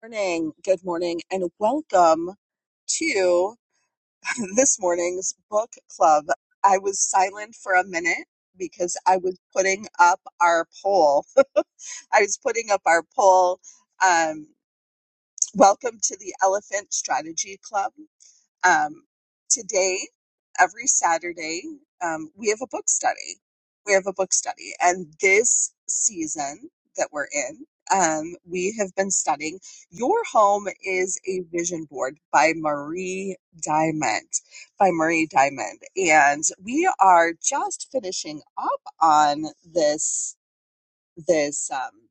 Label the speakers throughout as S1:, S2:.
S1: morning. Good morning, and welcome to this morning's book club. I was silent for a minute because I was putting up our poll. I was putting up our poll. Um, welcome to the Elephant Strategy Club. Um, today, every Saturday, um, we have a book study. We have a book study. And this season that we're in, um, we have been studying Your Home is a Vision Board by Marie Diamond. By Marie Diamond. And we are just finishing up on this, this, um,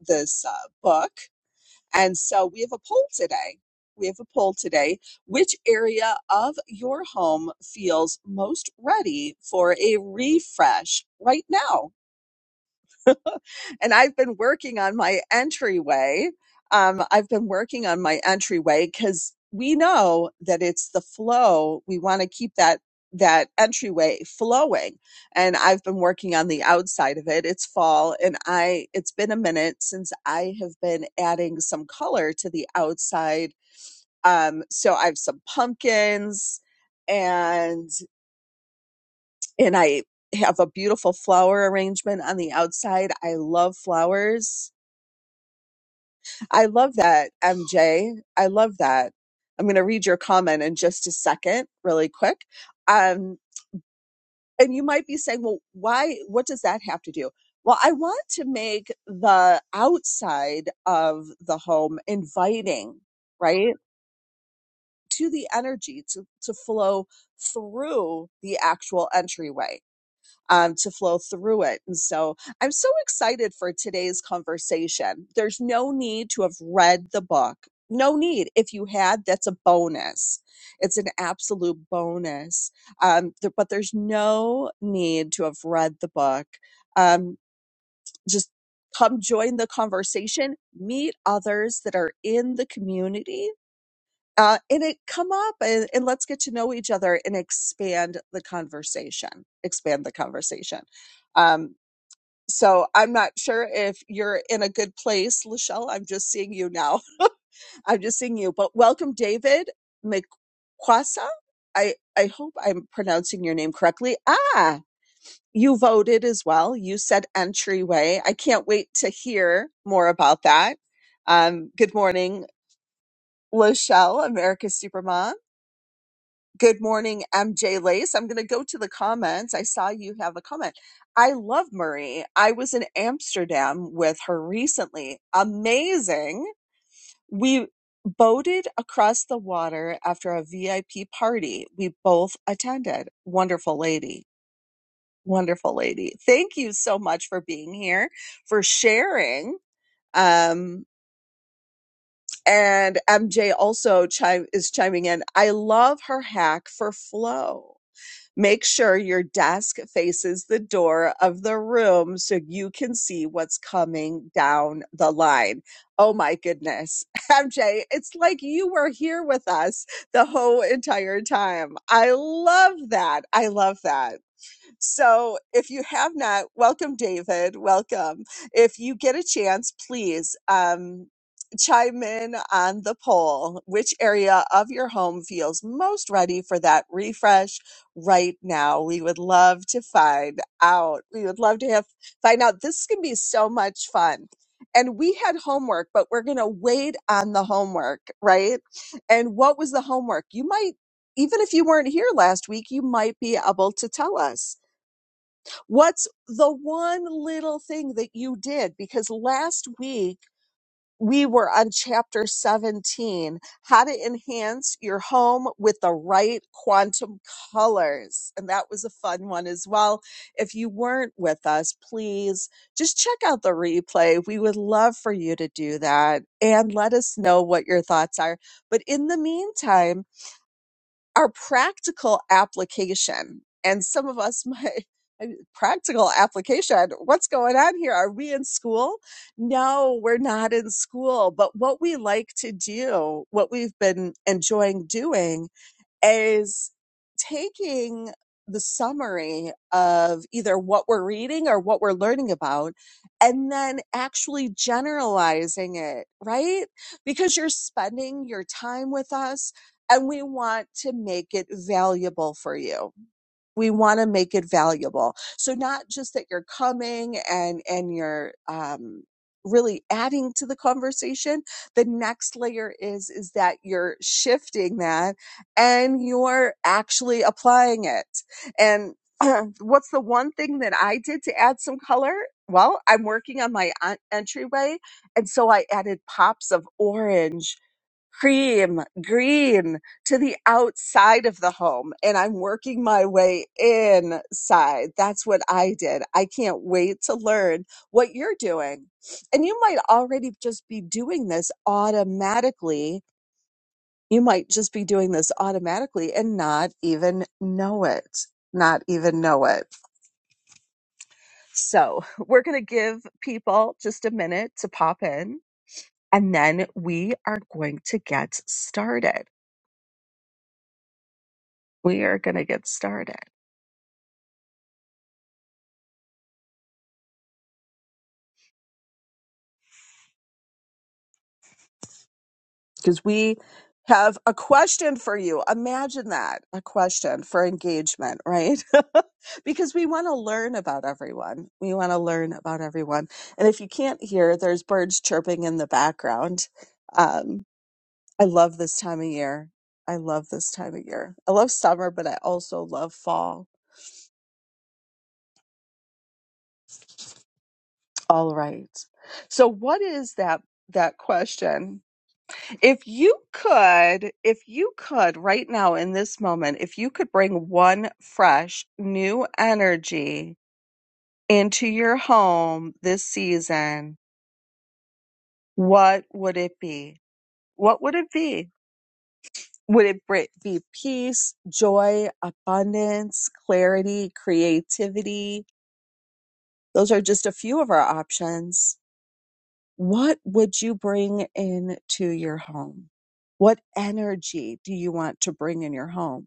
S1: this uh, book and so we have a poll today. We have a poll today. Which area of your home feels most ready for a refresh right now? and I've been working on my entryway. Um, I've been working on my entryway because we know that it's the flow. We want to keep that that entryway flowing, and I've been working on the outside of it. It's fall, and I it's been a minute since I have been adding some color to the outside. Um, so I have some pumpkins, and and I have a beautiful flower arrangement on the outside. I love flowers I love that, MJ. I love that. I'm going to read your comment in just a second, really quick. Um, and you might be saying, well, why? What does that have to do? Well, I want to make the outside of the home inviting, right? To the energy to, to flow through the actual entryway um, to flow through it. And so I'm so excited for today's conversation. There's no need to have read the book. No need. If you had, that's a bonus. It's an absolute bonus. Um, th- but there's no need to have read the book. Um, just come join the conversation, meet others that are in the community uh, and it come up and, and let's get to know each other and expand the conversation expand the conversation um, so i'm not sure if you're in a good place lachelle i'm just seeing you now i'm just seeing you but welcome david mcquassa i i hope i'm pronouncing your name correctly ah you voted as well you said entryway i can't wait to hear more about that um, good morning lachelle america's supermom Good morning, MJ Lace. I'm going to go to the comments. I saw you have a comment. I love Marie. I was in Amsterdam with her recently. Amazing. We boated across the water after a VIP party we both attended. Wonderful lady. Wonderful lady. Thank you so much for being here, for sharing. Um, and MJ also chime, is chiming in. I love her hack for flow. Make sure your desk faces the door of the room so you can see what's coming down the line. Oh my goodness. MJ, it's like you were here with us the whole entire time. I love that. I love that. So if you have not, welcome, David. Welcome. If you get a chance, please um, chime in on the poll. Which area of your home feels most ready for that refresh right now? We would love to find out. We would love to have find out. This can be so much fun. And we had homework, but we're going to wait on the homework, right? And what was the homework? You might, even if you weren't here last week, you might be able to tell us. What's the one little thing that you did? Because last week we were on chapter 17, how to enhance your home with the right quantum colors. And that was a fun one as well. If you weren't with us, please just check out the replay. We would love for you to do that and let us know what your thoughts are. But in the meantime, our practical application and some of us might practical application what's going on here are we in school no we're not in school but what we like to do what we've been enjoying doing is taking the summary of either what we're reading or what we're learning about and then actually generalizing it, right? Because you're spending your time with us and we want to make it valuable for you we want to make it valuable so not just that you're coming and and you're um really adding to the conversation the next layer is is that you're shifting that and you're actually applying it and what's the one thing that i did to add some color well i'm working on my en- entryway and so i added pops of orange cream green to the outside of the home and I'm working my way inside. That's what I did. I can't wait to learn what you're doing. And you might already just be doing this automatically. You might just be doing this automatically and not even know it. Not even know it. So, we're going to give people just a minute to pop in and then we are going to get started. We are going to get started because we have a question for you. Imagine that a question for engagement, right? because we want to learn about everyone. We want to learn about everyone. And if you can't hear, there's birds chirping in the background. Um, I love this time of year. I love this time of year. I love summer, but I also love fall. All right. So, what is that? That question If you could, if you could right now in this moment, if you could bring one fresh new energy into your home this season, what would it be? What would it be? Would it br- be peace, joy, abundance, clarity, creativity? Those are just a few of our options. What would you bring into your home? What energy do you want to bring in your home?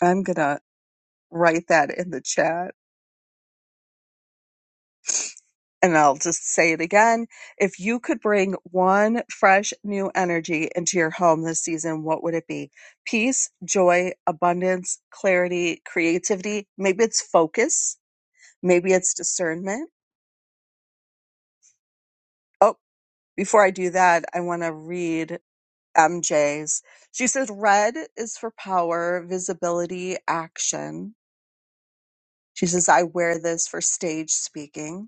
S1: I'm going to write that in the chat and I'll just say it again. If you could bring one fresh new energy into your home this season, what would it be? Peace, joy, abundance, clarity, creativity. Maybe it's focus. Maybe it's discernment. Oh, before I do that, I want to read MJ's. She says, red is for power, visibility, action. She says, I wear this for stage speaking.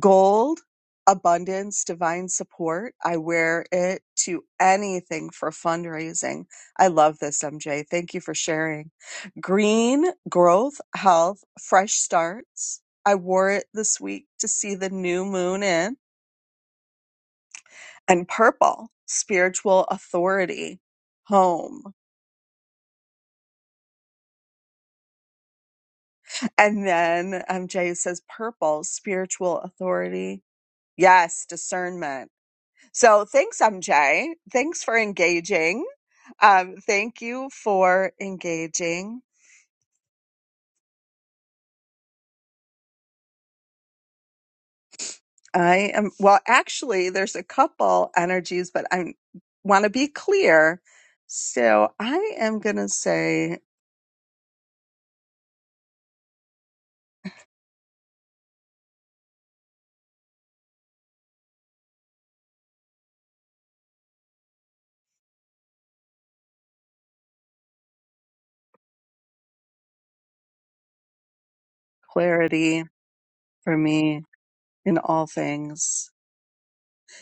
S1: Gold, abundance, divine support. I wear it to anything for fundraising. I love this, MJ. Thank you for sharing. Green, growth, health, fresh starts. I wore it this week to see the new moon in. And purple, spiritual authority, home. And then MJ says purple, spiritual authority. Yes, discernment So thanks, MJ. Thanks for engaging. Um, thank you for engaging. I am, well, actually, there's a couple energies, but I want to be clear. So I am going to say clarity for me in all things.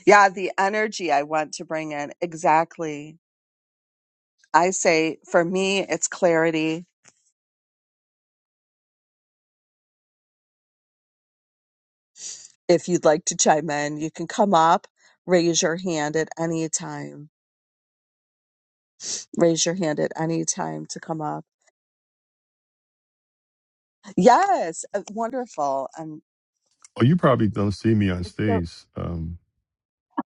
S1: Yeah, the energy I want to bring in. Exactly. I say for me, it's clarity. If you'd like to chime in, you can come up, raise your hand at any time raise your hand at any time to come up. Yes, uh, wonderful. Um,
S2: Oh, you probably don't see me on
S1: it's so,
S2: stage. Um,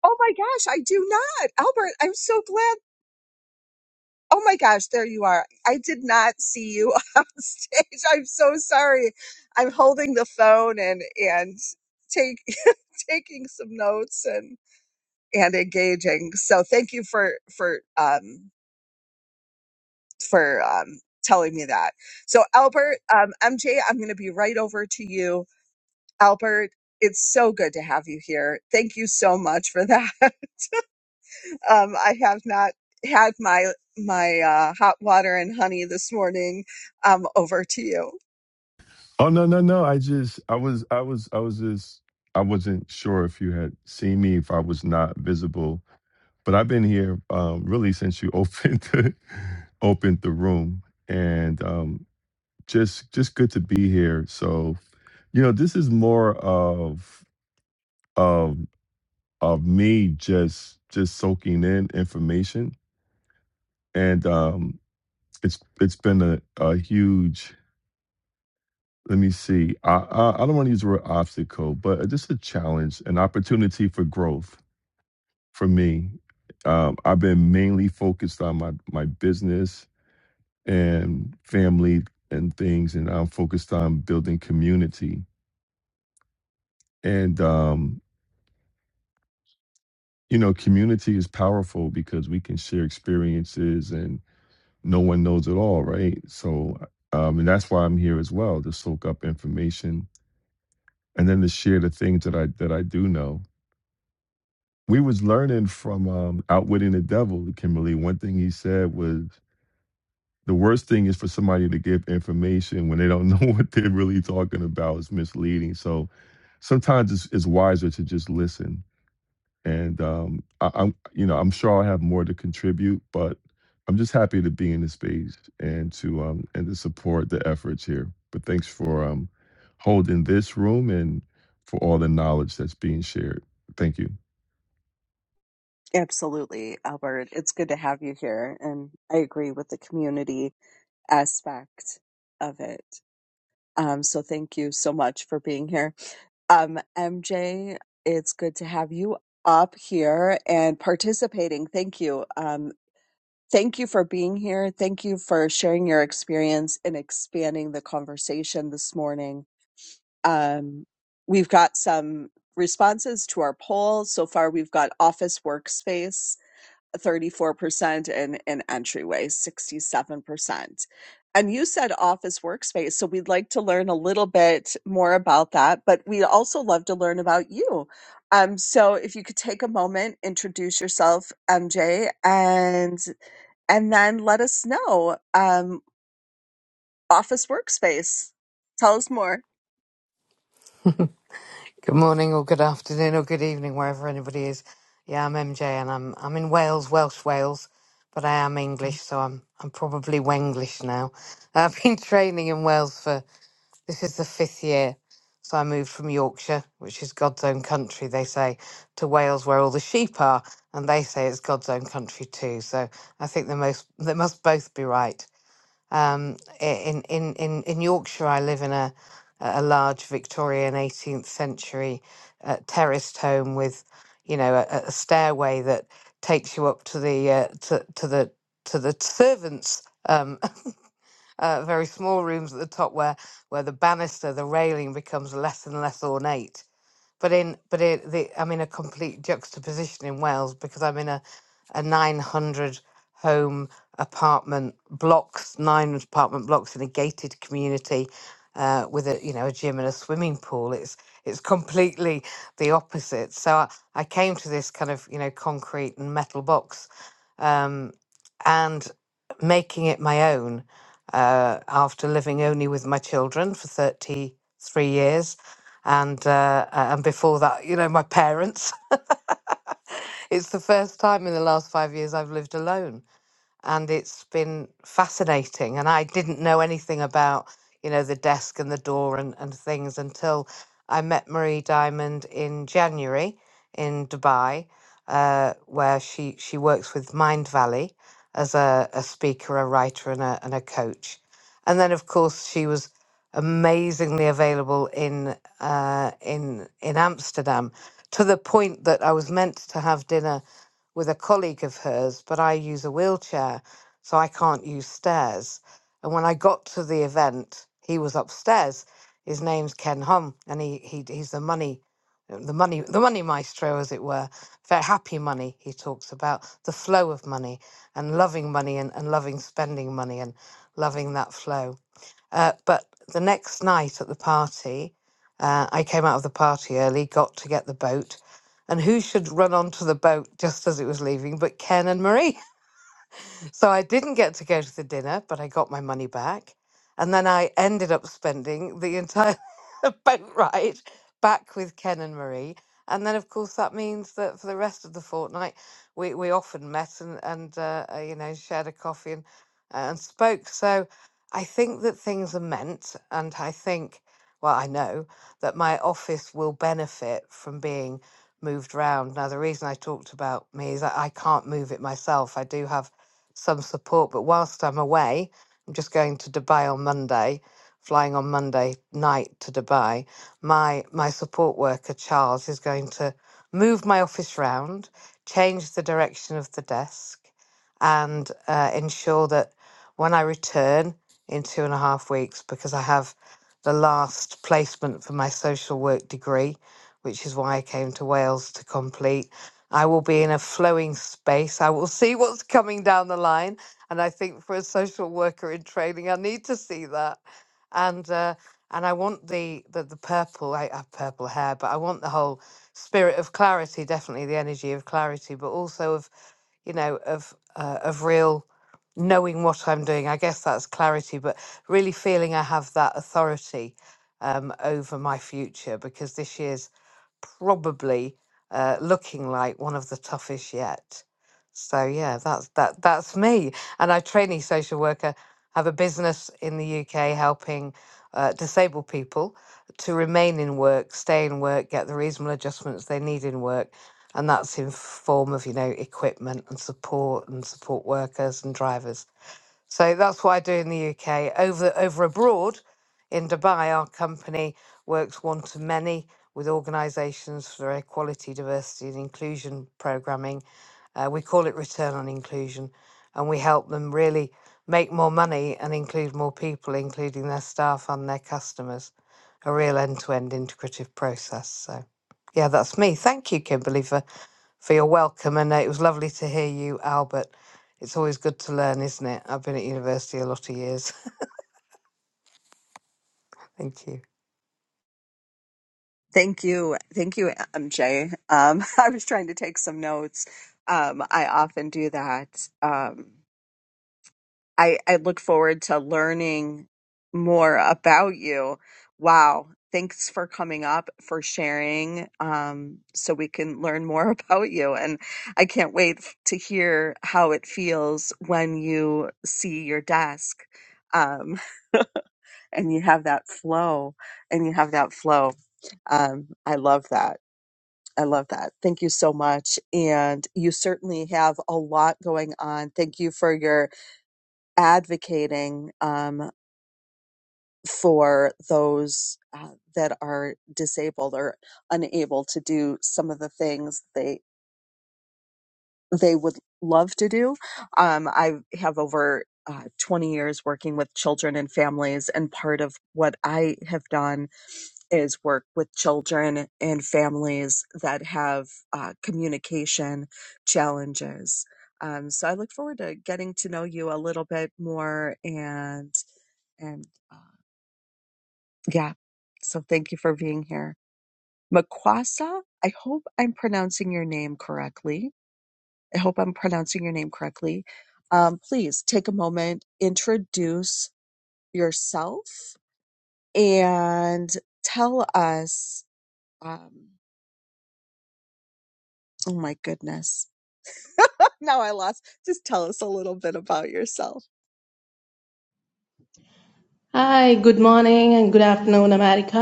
S1: oh my gosh, I do not. Albert, I'm so glad. Oh my gosh, there you are. I did not see you on stage. I'm so sorry. I'm holding the phone and and take taking some notes and and engaging. So thank you for for um for um telling me that. So Albert, um MJ, I'm going to be right over to you Albert, it's so good to have you here. Thank you so much for that. um, I have not had my my uh, hot water and honey this morning. Um, over to you.
S2: oh no, no, no. I just, I was, I was, I was just, I wasn't sure if you had seen me if I was not visible. But I've been here um, really since you opened the, opened the room, and um, just, just good to be here. So you know, this is more of of of me just just soaking in information, and um, it's it's been a, a huge let me see. I I, I don't want to use the word obstacle, but just a challenge, an opportunity for growth for me. Um, I've been mainly focused on my my business and family and things, and I'm focused on building community. And um, you know, community is powerful because we can share experiences, and no one knows it all, right? So, um, and that's why I'm here as well to soak up information and then to share the things that I that I do know we was learning from um, outwitting the devil kimberly one thing he said was the worst thing is for somebody to give information when they don't know what they're really talking about it's misleading so sometimes it's, it's wiser to just listen and um, I, i'm you know i'm sure i'll have more to contribute but i'm just happy to be in the space and to um and to support the efforts here but thanks for um holding this room and for all the knowledge that's being shared thank you
S1: Absolutely, Albert. It's good to have you here. And I agree with the community aspect of it. Um, so thank you so much for being here. Um, MJ, it's good to have you up here and participating. Thank you. Um. Thank you for being here. Thank you for sharing your experience and expanding the conversation this morning. Um, we've got some responses to our poll. So far, we've got office workspace, 34%, and, and entryway, 67%. And you said office workspace. So we'd like to learn a little bit more about that, but we'd also love to learn about you. Um, so if you could take a moment, introduce yourself, MJ, and and then let us know. Um, office workspace. Tell us more.
S3: Good morning or good afternoon or good evening, wherever anybody is. Yeah, I'm MJ and I'm I'm in Wales, Welsh Wales, but I am English, so I'm I'm probably Wenglish now. I've been training in Wales for this is the fifth year. So I moved from Yorkshire, which is God's own country, they say, to Wales where all the sheep are, and they say it's God's own country too. So I think they most they must both be right. Um, i- in, in, in, in Yorkshire, I live in a, a large Victorian 18th century uh, terraced home with, you know, a, a stairway that takes you up to the uh, to, to the to the servants. Um, uh, very small rooms at the top where where the banister, the railing becomes less and less ornate but in but it, the, I'm in a complete juxtaposition in Wales because I'm in a a 900 home apartment blocks, nine apartment blocks in a gated community uh, with a you know a gym and a swimming pool. It's it's completely the opposite. So I, I came to this kind of you know concrete and metal box um, and making it my own uh, after living only with my children for 33 years. And uh, a- and before that, you know, my parents. It's the first time in the last five years I've lived alone, and it's been fascinating. And I didn't know anything about, you know, the desk and the door and, and things until I met Marie Diamond in January in Dubai, uh, where she, she works with Mind Valley as a, a speaker, a writer, and a, and a coach. And then, of course, she was amazingly available in uh, in in Amsterdam to the point that I was meant to have dinner with a colleague of hers, but I use a wheelchair, so I can't use stairs. And when I got to the event, he was upstairs. His name's Ken Hum, and he, he he's the money, the money, the money maestro, as it were. Very happy money. He talks about the flow of money and loving money and, and loving spending money and loving that flow. Uh, but the next night at the party, uh, I came out of the party early, got to get the boat, and who should run onto the boat just as it was leaving but Ken and Marie? So I didn't get to go to the dinner, but I got my money back. And then I ended up spending the entire boat ride back with Ken and Marie. And then, of course, that means that for the rest of the fortnight, we, we often met and, and uh, uh, you know, shared a coffee and, and spoke. So I think that things are meant. And I think, well, I know that my office will benefit from being moved round. Now, the reason I talked about me is that I can't move it myself. I do have some support. But whilst I'm away, I'm just going to Dubai on Monday, flying on Monday night to Dubai. My my support worker Charles is going to move my office round, change the direction of the desk, and uh, ensure that when I return in two and a half weeks, because I have the last placement for my social work degree, which is why I came to Wales to complete I will be in a flowing space. I will see what's coming down the line. And I think for a social worker in training, I need to see that. And uh, and I want the, the the purple. I have purple hair, but I want the whole spirit of clarity, definitely the energy of clarity, but also of you know, of uh, of real knowing what I'm doing. I guess that's clarity, but really feeling I have that authority um, over my future because this year's probably uh, looking like one of the toughest yet. So yeah, that's that that's me. And I trainee social worker have a business in the UK helping uh, disabled people to remain in work, stay in work, get the reasonable adjustments they need in work and that's in form of you know equipment and support and support workers and drivers so that's what i do in the uk over over abroad in dubai our company works one to many with organisations for equality diversity and inclusion programming uh, we call it return on inclusion and we help them really make more money and include more people including their staff and their customers a real end-to-end integrative process so yeah that's me thank you kimberly for for your welcome. And uh, it was lovely to hear you, Albert. It's always good to learn, isn't it? I've been at university a lot of years. Thank you.
S1: Thank you. Thank you, MJ. Um, I was trying to take some notes. Um, I often do that. Um, I, I look forward to learning more about you. Wow. Thanks for coming up, for sharing, um, so we can learn more about you. And I can't wait f- to hear how it feels when you see your desk. Um, and you have that flow and you have that flow um, i love that i love that thank you so much and you certainly have a lot going on thank you for your advocating um, for those uh, that are disabled or unable to do some of the things they they would love to do um, i have over uh, 20 years working with children and families and part of what i have done is work with children and families that have uh, communication challenges. Um, so I look forward to getting to know you a little bit more and and uh, yeah. So thank you for being here, Makwasa. I hope I'm pronouncing your name correctly. I hope I'm pronouncing your name correctly. Um, please take a moment, introduce yourself, and tell us. Um, oh my goodness now I lost. Just tell us a little bit about yourself.
S4: Hi, good morning and good afternoon, America.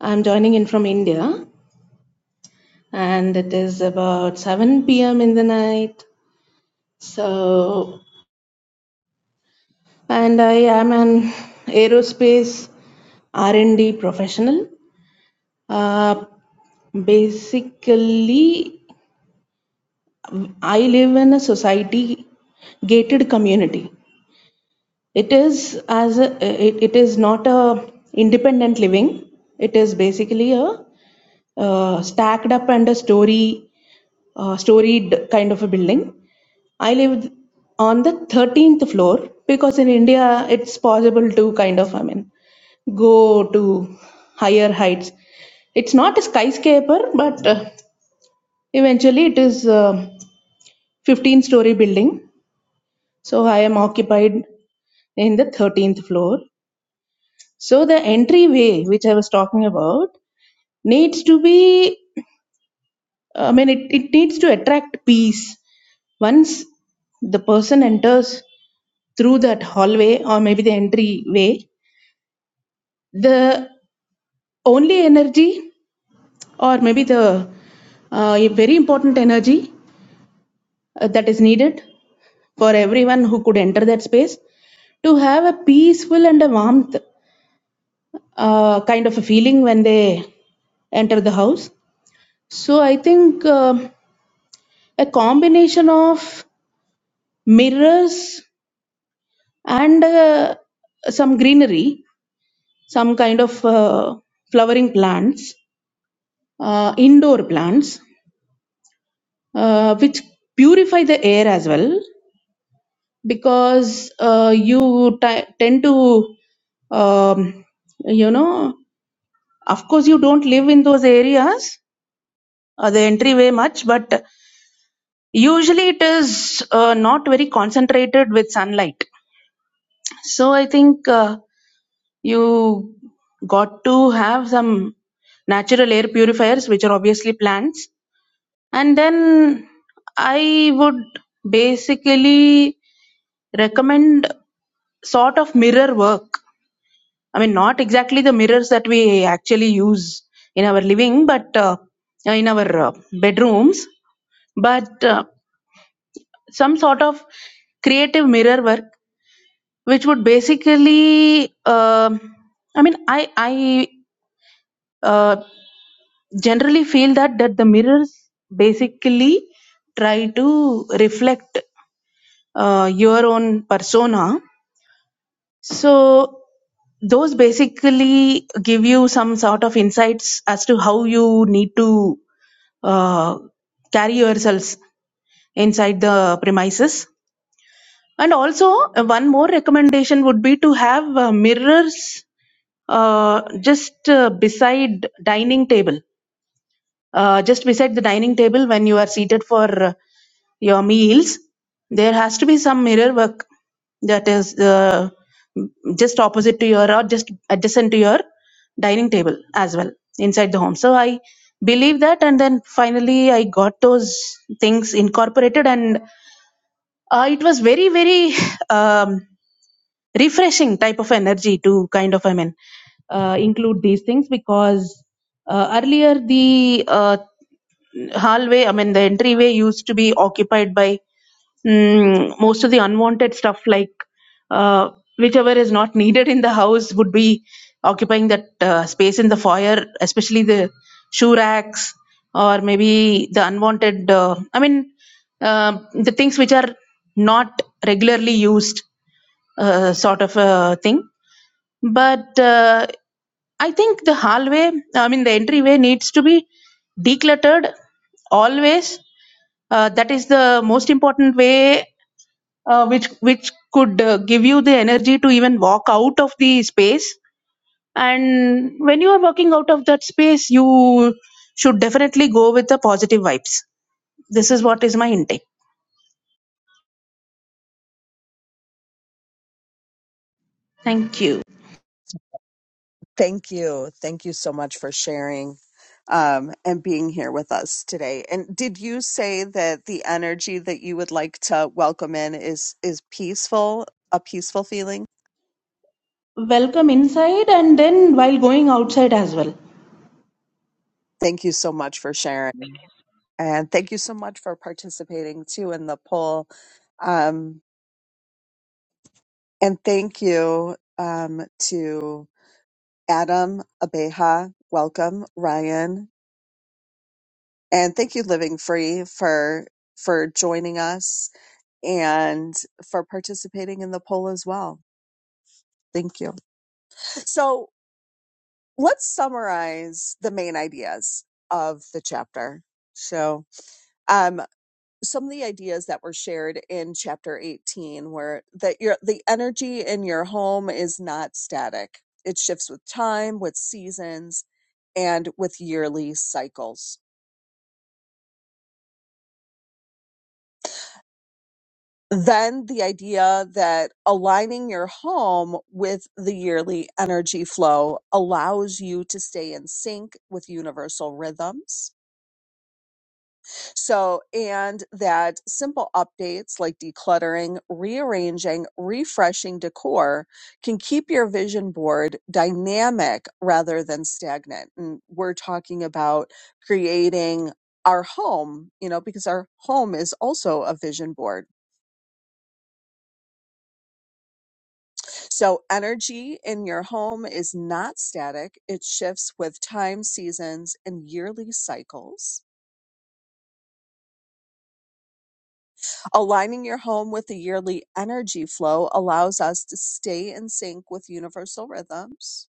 S4: I'm joining in from India and it is about 7 p.m. in the night. So, and I am an aerospace R&D professional. Uh, basically, I live in a society gated community. It is as a, it, it is not a independent living. It is basically a uh, stacked up and a story uh, storied kind of a building. I lived on the 13th floor because in India it's possible to kind of, I mean, go to higher heights. It's not a skyscraper, but uh, eventually it is a 15 story building. So I am occupied in the 13th floor. So the entryway, which I was talking about, needs to be, I mean, it, it needs to attract peace. Once the person enters through that hallway or maybe the entryway, the only energy or maybe the uh, a very important energy uh, that is needed for everyone who could enter that space to have a peaceful and a warmth uh, kind of a feeling when they enter the house. So I think um a combination of mirrors and uh, some greenery, some kind of uh, flowering plants, uh, indoor plants uh, which purify the air as well because uh, you t- tend to um, you know of course you don't live in those areas uh, the entryway much but usually it is uh, not very concentrated with sunlight so i think uh, you got to have some natural air purifiers which are obviously plants and then i would basically recommend sort of mirror work. I mean, not exactly the mirrors that we actually use in our living, but uh, in our uh, bedrooms, but uh, some sort of creative mirror work, which would basically, um I mean, I I uh, generally feel that that the mirrors basically try to reflect uh, your own persona So those basically give you some sort of insights as to how you need to uh, carry yourselves inside the premises. And also, uh, one more recommendation would be to have uh, mirrors uh, just uh, beside dining table uh, just beside the dining table when you are seated for uh, your meals there has to be some mirror work that is uh, just opposite to your or just adjacent to your dining table as well inside the home so i believe that and then finally i got those things incorporated and uh, it was very very um, refreshing type of energy to kind of i mean uh, include these things because uh, earlier the uh, hallway, I mean, the entryway used to be occupied by mm, most of the unwanted stuff, like uh, whichever is not needed in the house would be occupying that uh, space in the foyer, especially the shoe racks or maybe the unwanted, uh, I mean, uh, the things which are not regularly used uh, sort of a thing. But uh, I think the hallway, I mean, the entryway needs to be decluttered always uh, that is the most important way uh, which which could uh, give you the energy to even walk out of the space and when you are walking out of that space you should definitely go with the positive vibes this is what is my intake thank you
S1: Thank you. Thank you so much for sharing um, and being here with us today. And did you say that the energy that you would like to welcome in is is peaceful, a peaceful feeling?
S4: welcome inside and then while going outside as well
S1: Thank you so much for sharing. And thank you so much for participating too in the poll. Um, and thank you um, to Adam Abeja. Welcome, Ryan. And thank you, Living Free, for for joining us and for participating in the poll as well. Thank you. So let's summarize the main ideas of the chapter. So um, some of the ideas that were shared in chapter 18 were that your the energy in your home is not static. It shifts with time, with seasons, and with yearly cycles then the idea that aligning your home with the yearly energy flow allows you to stay in sync with universal rhythms. So, and that simple updates like decluttering, rearranging, refreshing decor can keep your vision board dynamic rather than stagnant. And we're talking about creating our home, you know, because our home is also a vision board So, energy in your home is not static, it shifts with time, seasons, and yearly cycles. Aligning your home with the yearly energy flow allows us to stay in sync with universal rhythms.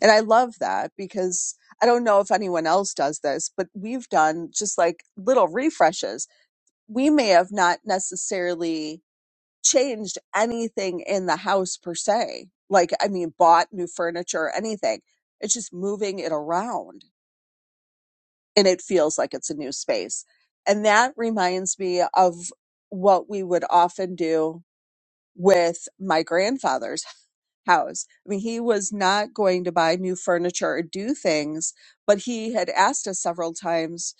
S1: And I love that because I don't know if anyone else does this, but we've done just like little refreshes. We may have not necessarily changed anything in the house per se. Like, I mean, bought new furniture or anything. It's just moving it around and it feels like it's a new space. And that reminds me of what we would often do with my grandfather's house. I mean, he was not going to buy new furniture or do things, but he had asked us several times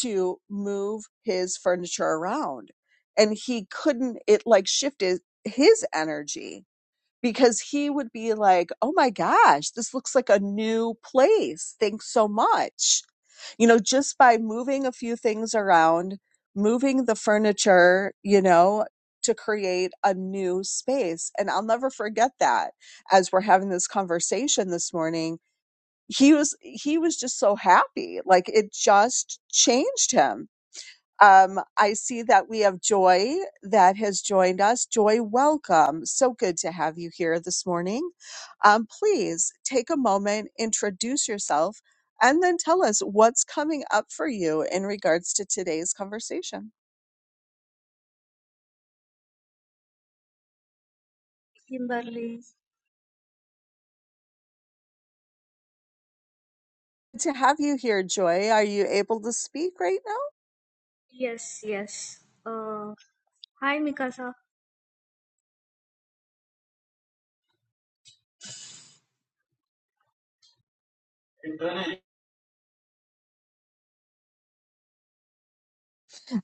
S1: to move his furniture around. And he couldn't, it like shifted his energy because he would be like, Oh my gosh, this looks like a new place. Thanks so much. You know, just by moving a few things around, moving the furniture, you know, to create a new space. And I'll never forget that as we're having this conversation this morning. He was, he was just so happy. Like it just changed him um, I see that we have Joy that has joined us. Joy, welcome. So good to have you here this morning. Um, please take a moment, introduce yourself, and then tell us what's coming up for you in regards to today's conversation.
S5: Kimberly.
S1: Good To have you here, Joy. Are you able to speak right now?
S5: Yes, yes. Uh, hi, Mikasa.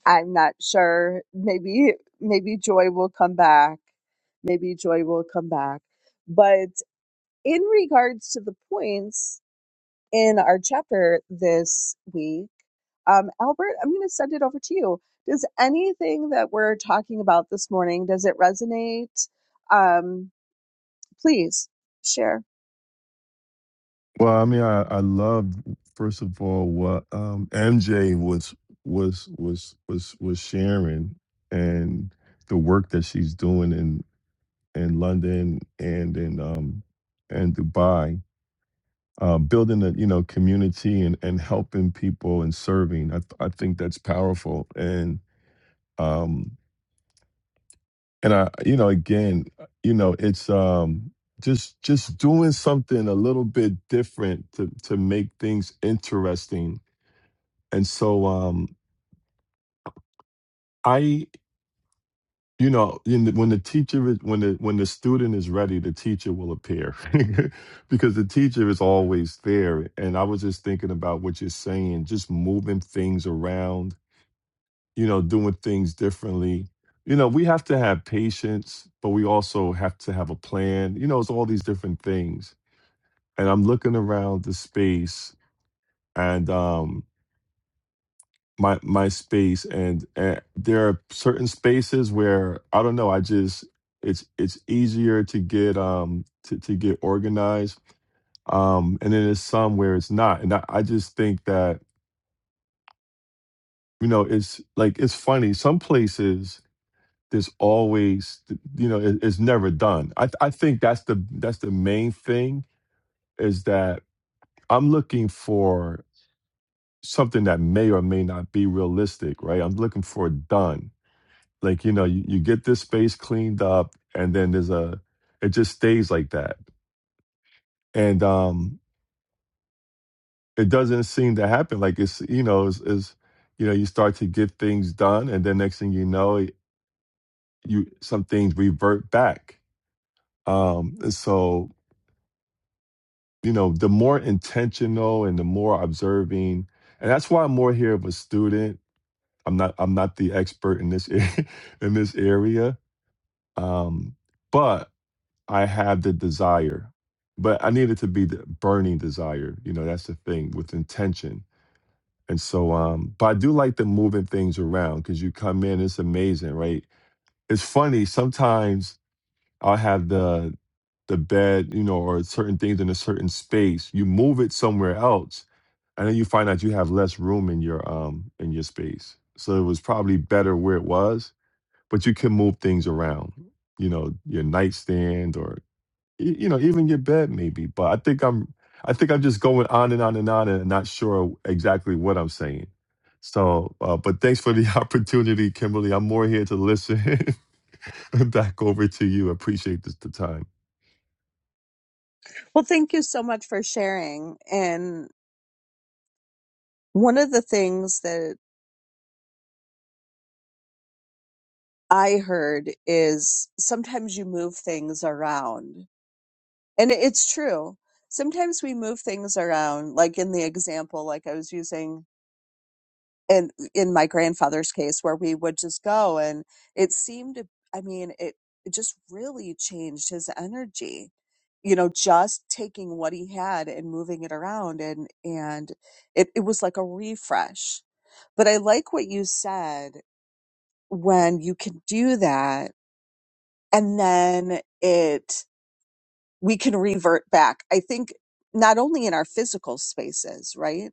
S1: I'm not sure. Maybe maybe Joy will come back. Maybe Joy will come back. But in regards to the points, in our chapter this week. Um, Albert, I'm going to send it over to you. Does anything that we're talking about this morning, does it resonate? Um, please share.
S2: Well, I mean, I, I loved first of all what um, MJ was was was was was sharing and the work that she's doing in in London and in um and Dubai, uh, building a you know community and and helping people and serving. I th- I think that's powerful and um and I you know again you know it's um just just doing something a little bit different to to make things interesting And so um I you know in the, when the teacher is when the when the student is ready the teacher will appear because the teacher is always there and I was just thinking about what you're saying just moving things around you know doing things differently you know we have to have patience but we also have to have a plan you know it's all these different things and I'm looking around the space and um my my space and, and there are certain spaces where i don't know i just it's it's easier to get um to, to get organized um and then there's some where it's not and I, I just think that you know it's like it's funny some places there's always you know it, it's never done i th- i think that's the that's the main thing is that i'm looking for something that may or may not be realistic right i'm looking for done like you know you, you get this space cleaned up and then there's a it just stays like that and um it doesn't seem to happen like it's you know is is you know you start to get things done and then next thing you know you some things revert back um and so you know the more intentional and the more observing and that's why i'm more here of a student i'm not i'm not the expert in this a- in this area um but I have the desire, but I need it to be the burning desire. You know, that's the thing with intention. And so, um, but I do like the moving things around because you come in, it's amazing, right? It's funny sometimes I'll have the the bed, you know, or certain things in a certain space. You move it somewhere else, and then you find out you have less room in your um in your space. So it was probably better where it was, but you can move things around. You know, your nightstand or e- you know, even your bed, maybe. But I think I'm I think I'm just going on and on and on and not sure exactly what I'm saying. So, uh, but thanks for the opportunity, Kimberly. I'm more here to listen. Back over to you. Appreciate this, the time.
S1: Well, thank you so much for sharing. And one of the things that I heard is sometimes you move things around. And it's true. Sometimes we move things around, like in the example, like I was using and in my grandfather's case where we would just go and it seemed to i mean it, it just really changed his energy you know just taking what he had and moving it around and and it, it was like a refresh but i like what you said when you can do that and then it we can revert back i think not only in our physical spaces right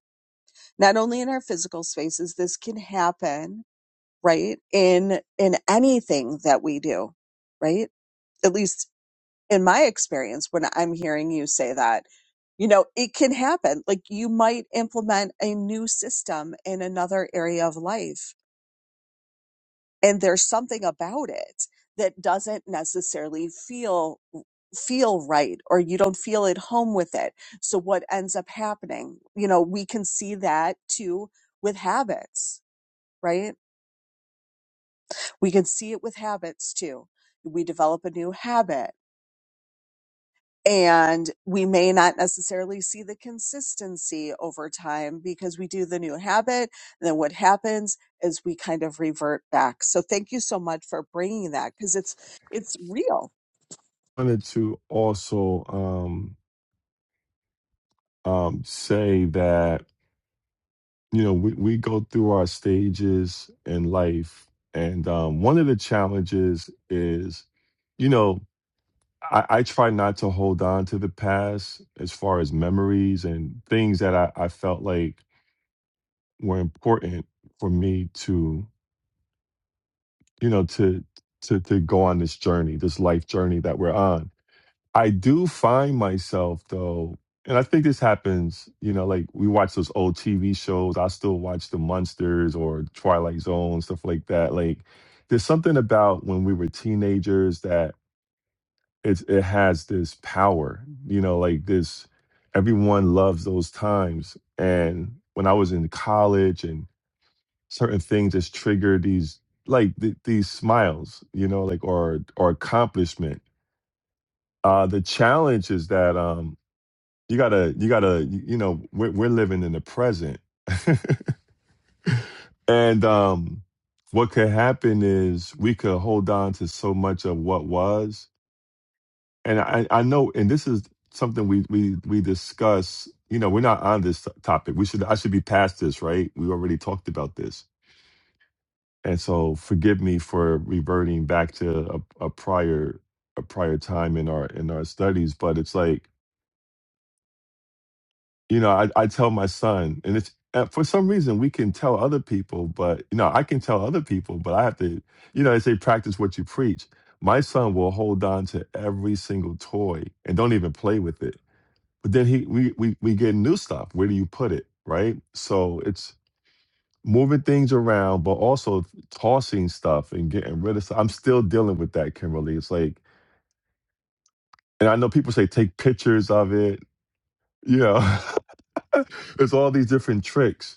S1: not only in our physical spaces this can happen right in in anything that we do right at least in my experience when i'm hearing you say that you know it can happen like you might implement a new system in another area of life and there's something about it that doesn't necessarily feel feel right or you don't feel at home with it so what ends up happening you know we can see that too with habits right We can see it with habits too. We develop a new habit and we may not necessarily see the consistency over time because we do the new habit. And then what happens is we kind of revert back. So thank you so much for bringing that because it's, it's real.
S2: wanted to also um, um, say that you know we, we go through our stages in life and um, one of the challenges is you know I, I try not to hold on to the past as far as memories and things that I, I felt like were important for me to you know to to to go on this journey this life journey that we're on I do find myself though, and I think this happens, you know, like we watch those old TV shows. I still watch The Munsters or Twilight Zone, stuff like that. Like there's something about when we were teenagers that it's it has this power, you know, like this everyone loves those times. And when I was in college and certain things just trigger these like th- these smiles, you know, like or or accomplishment uh, the challenge is that um, you gotta you gotta you know we're, we're living in the present and um what could happen is we could hold on to so much of what was and i i know and this is something we we we discuss you know we're not on this topic we should i should be past this right we already talked about this and so forgive me for reverting back to a, a prior a prior time in our in our studies but it's like you know, I, I tell my son, and it's uh, for some reason we can tell other people, but you know, I can tell other people, but I have to, you know, they say practice what you preach. My son will hold on to every single toy and don't even play with it. But then he, we, we, we get new stuff. Where do you put it, right? So it's moving things around, but also tossing stuff and getting rid of stuff. I'm still dealing with that, Kimberly. It's like, and I know people say take pictures of it. You know, it's all these different tricks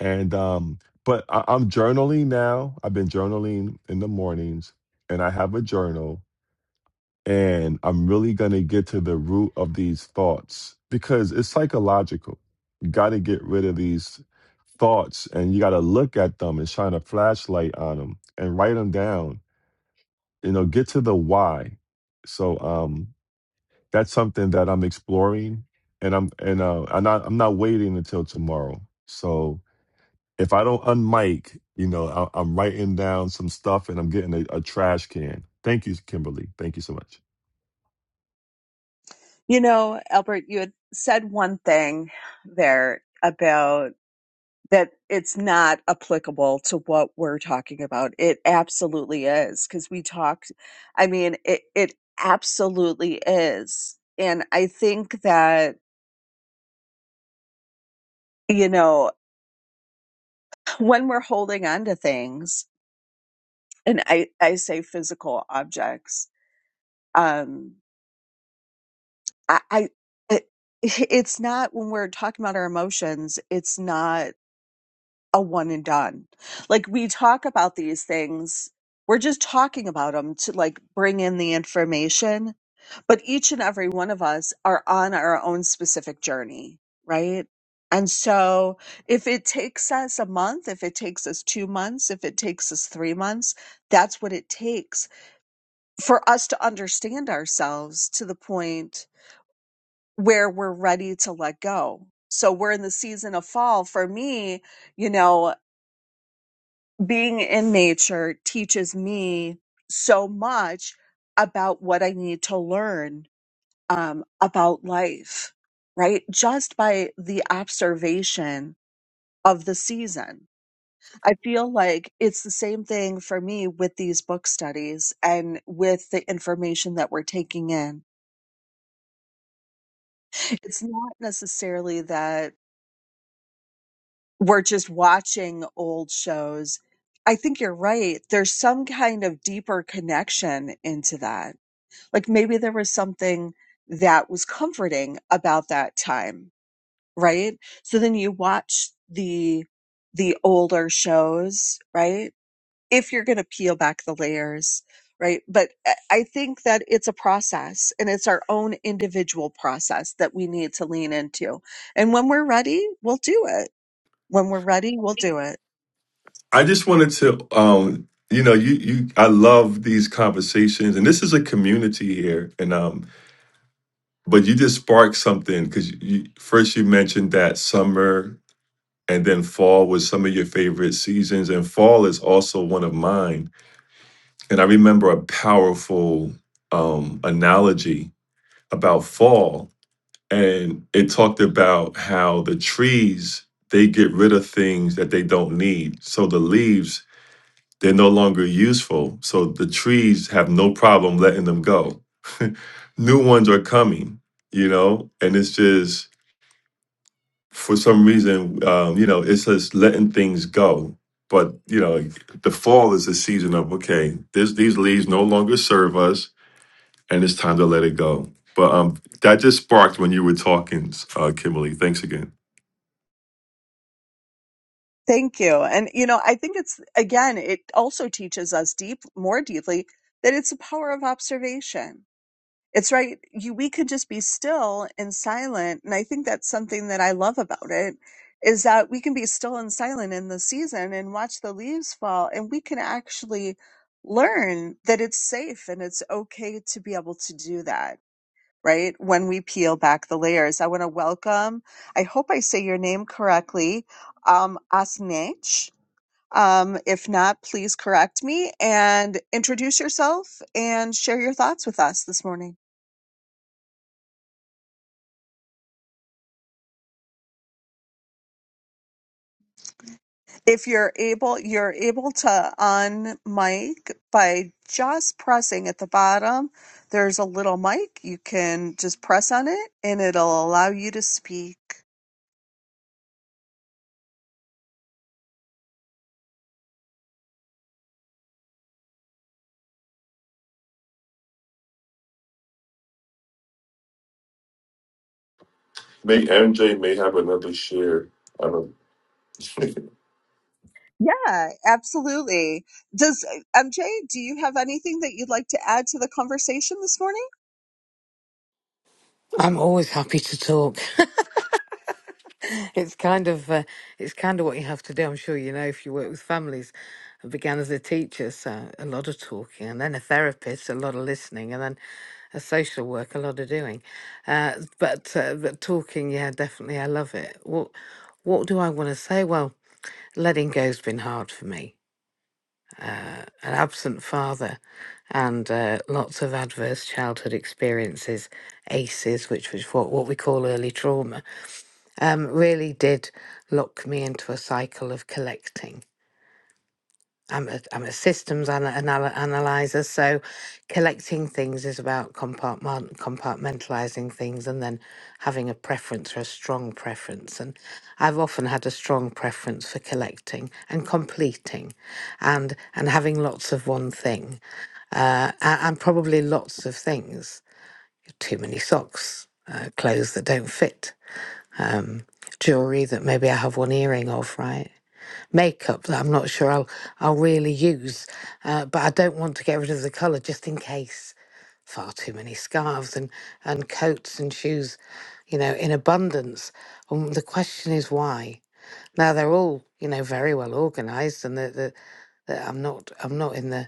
S2: And um, but I, I'm journaling now. I've been journaling in the mornings, and I have a journal. And I'm really gonna get to the root of these thoughts because it's psychological. You got to get rid of these thoughts, and you got to look at them and shine a flashlight on them and write them down. You know, get to the why. So um, that's something that I'm exploring, and I'm and uh, I'm not I'm not waiting until tomorrow. So if I don't unmic, you know, I, I'm writing down some stuff and I'm getting a, a trash can. Thank you, Kimberly. Thank you so much.
S1: You know, Albert, you had said one thing there about that it's not applicable to what we're talking about. It absolutely is because we talked, I mean, it, it absolutely is. And I think that, you know, when we're holding on to things, and I, I say physical objects, um, I, I it, it's not when we're talking about our emotions, it's not a one and done. Like we talk about these things, we're just talking about them to like bring in the information, but each and every one of us are on our own specific journey, right? And so if it takes us a month, if it takes us 2 months, if it takes us 3 months, that's what it takes for us to understand ourselves to the point where we're ready to let go. So we're in the season of fall. For me, you know, being in nature teaches me so much about what I need to learn um, about life, right? Just by the observation of the season. I feel like it's the same thing for me with these book studies and with the information that we're taking in. It's not necessarily that we're just watching old shows. I think you're right. There's some kind of deeper connection into that Like maybe there was something that was comforting about that time, right? So then you watch the the older shows, right? If you're going to peel back the layers, right? But I I think that it's a process and it's our own individual process that we need to lean into. And when we're ready, we'll do it. When we're ready, we'll do it.
S2: I just wanted to, um, you know, you you. I love these conversations, and this is a community here. And um, but you just sparked something because you, you first you mentioned that summer. and then fall was some of your favorite seasons and fall is also one of mine and i remember a powerful um, analogy about fall and it talked about how the trees they get rid of things that they don't need so the leaves they're no longer useful so the trees have no problem letting them go new ones are coming you know and it's just for some reason, um, you know, it's just letting things go. But you know, the fall is a season of okay, this these leaves no longer serve us, and it's time to let it go. But um, that just sparked when you were talking, uh, Kimberly. Thanks again.
S1: Thank you. And, you know, I think it's, again, it also teaches us deep, more deeply that it's a power of observation. It's right. You, we could just be still and silent. And I think that's something that I love about it is that we can be still and silent in the season and watch the leaves fall and we can actually learn that it's safe and it's okay to be able to do that. Right. When we peel back the layers, I want to welcome, I hope I say your name correctly, um, Asnech. Um, if not, please correct me and introduce yourself and share your thoughts with us this morning. If you're able, you're able to on mic by just pressing at the bottom. There's a little mic. You can just press on it and it'll allow you to speak.
S2: May MJ may have another share. I don't.
S1: Yeah, absolutely. Does MJ, do you have anything that you'd like to add to the conversation this morning?
S3: I'm always happy to talk. It's kind of uh, it's kind of what you have to do. I'm sure you know if you work with families. I began as a teacher, so a lot of talking, and then a therapist, a lot of listening, and then a social work, a lot of doing. Uh, but uh, but talking, yeah, definitely, I love it. What what do I want to say? Well, letting go's been hard for me. an absent father and uh, lots of adverse childhood experiences, ACEs, which was what, what we call early trauma, um, really did lock me into a cycle of collecting. I'm a, I'm a systems ana- anal- analyzer, so collecting things is about compartment, compartmentalizing things and then having a preference or a strong preference. And I've often had a strong preference for collecting and completing and, and having lots of one thing uh, a- and probably lots of things. Too many socks, uh, clothes that don't fit, um, jewelry that maybe I have one earring of, right? Makeup that I'm not sure I'll I'll really use, uh, but I don't want to get rid of the colour just in case. Far too many scarves and and coats and shoes, you know, in abundance. And the question is why. Now they're all, you know, very well organised, and the, the, the, I'm not I'm not in the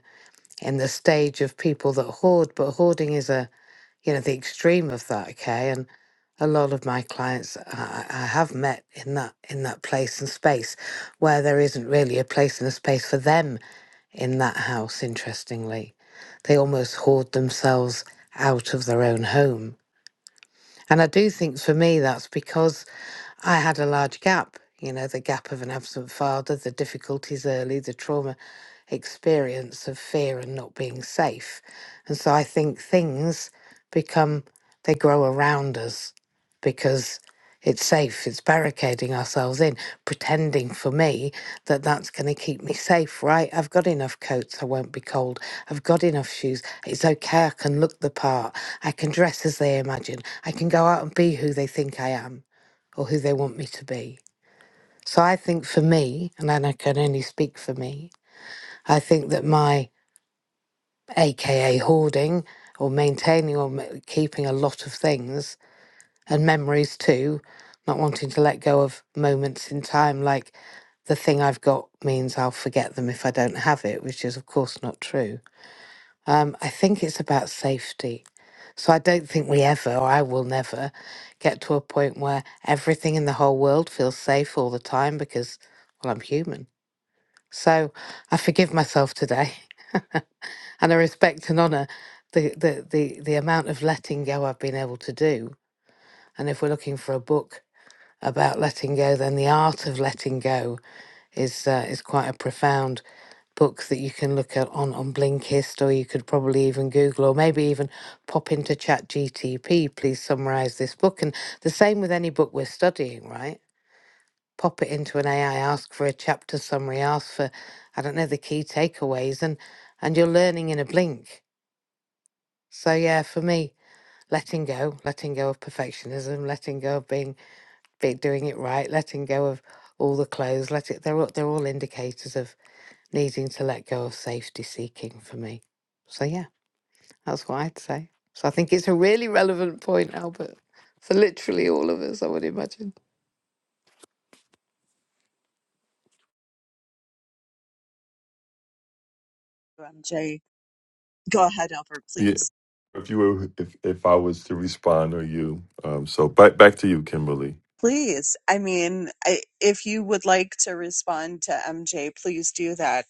S3: in the stage of people that hoard, but hoarding is a you know, the extreme of that. Okay, and a lot of my clients I, I have met in that in that place and space where there isn't really a place and a space for them in that house. Interestingly, they almost hoard themselves out of their own home, and I do think for me that's because I had a large gap, you know, the gap of an absent father, the difficulties early, the trauma experience of fear and not being safe. And so I think things become, they grow around us because it's safe, it's barricading ourselves in, pretending for me that that's going to keep me safe, right? I've got enough coats, I won't be cold. I've got enough shoes. It's okay, I can look the part. I can dress as they imagine. I can go out and be who they think I am or who they want me to be. So I think for me, and then I can only speak for me, I think that my AKA hoarding or maintaining or ma- keeping a lot of things and memories too, not wanting to let go of moments in time, like the thing I've got means I'll forget them if I don't have it, which is, of course, not true. Um, I think it's about safety. So I don't think we ever, or I will never, get to a point where everything in the whole world feels safe all the time because, well, I'm human. So I forgive myself today, and I respect and honour the, the the the amount of letting go I've been able to do. And if we're looking for a book about letting go, then the art of letting go is uh, is quite a profound books that you can look at on, on Blinkist, or you could probably even Google, or maybe even pop into Chat GTP, please summarize this book. And the same with any book we're studying, right? Pop it into an AI, ask for a chapter summary, ask for, I don't know, the key takeaways, and and you're learning in a blink. So yeah, for me, letting go, letting go of perfectionism, letting go of being, being doing it right, letting go of all the clothes, let it they're all, they're all indicators of needing to let go of safety seeking for me. So, yeah, that's what I'd say. So, I think it's a really relevant point, Albert, for literally all of us, I would imagine.
S1: MJ, go ahead, Albert,
S2: Yeah,
S1: please.
S2: if you were, if if I was to respond or you, um, so back back to you, Kimberly.
S1: Please, I mean, I, if you would like to respond to MJ, please do that.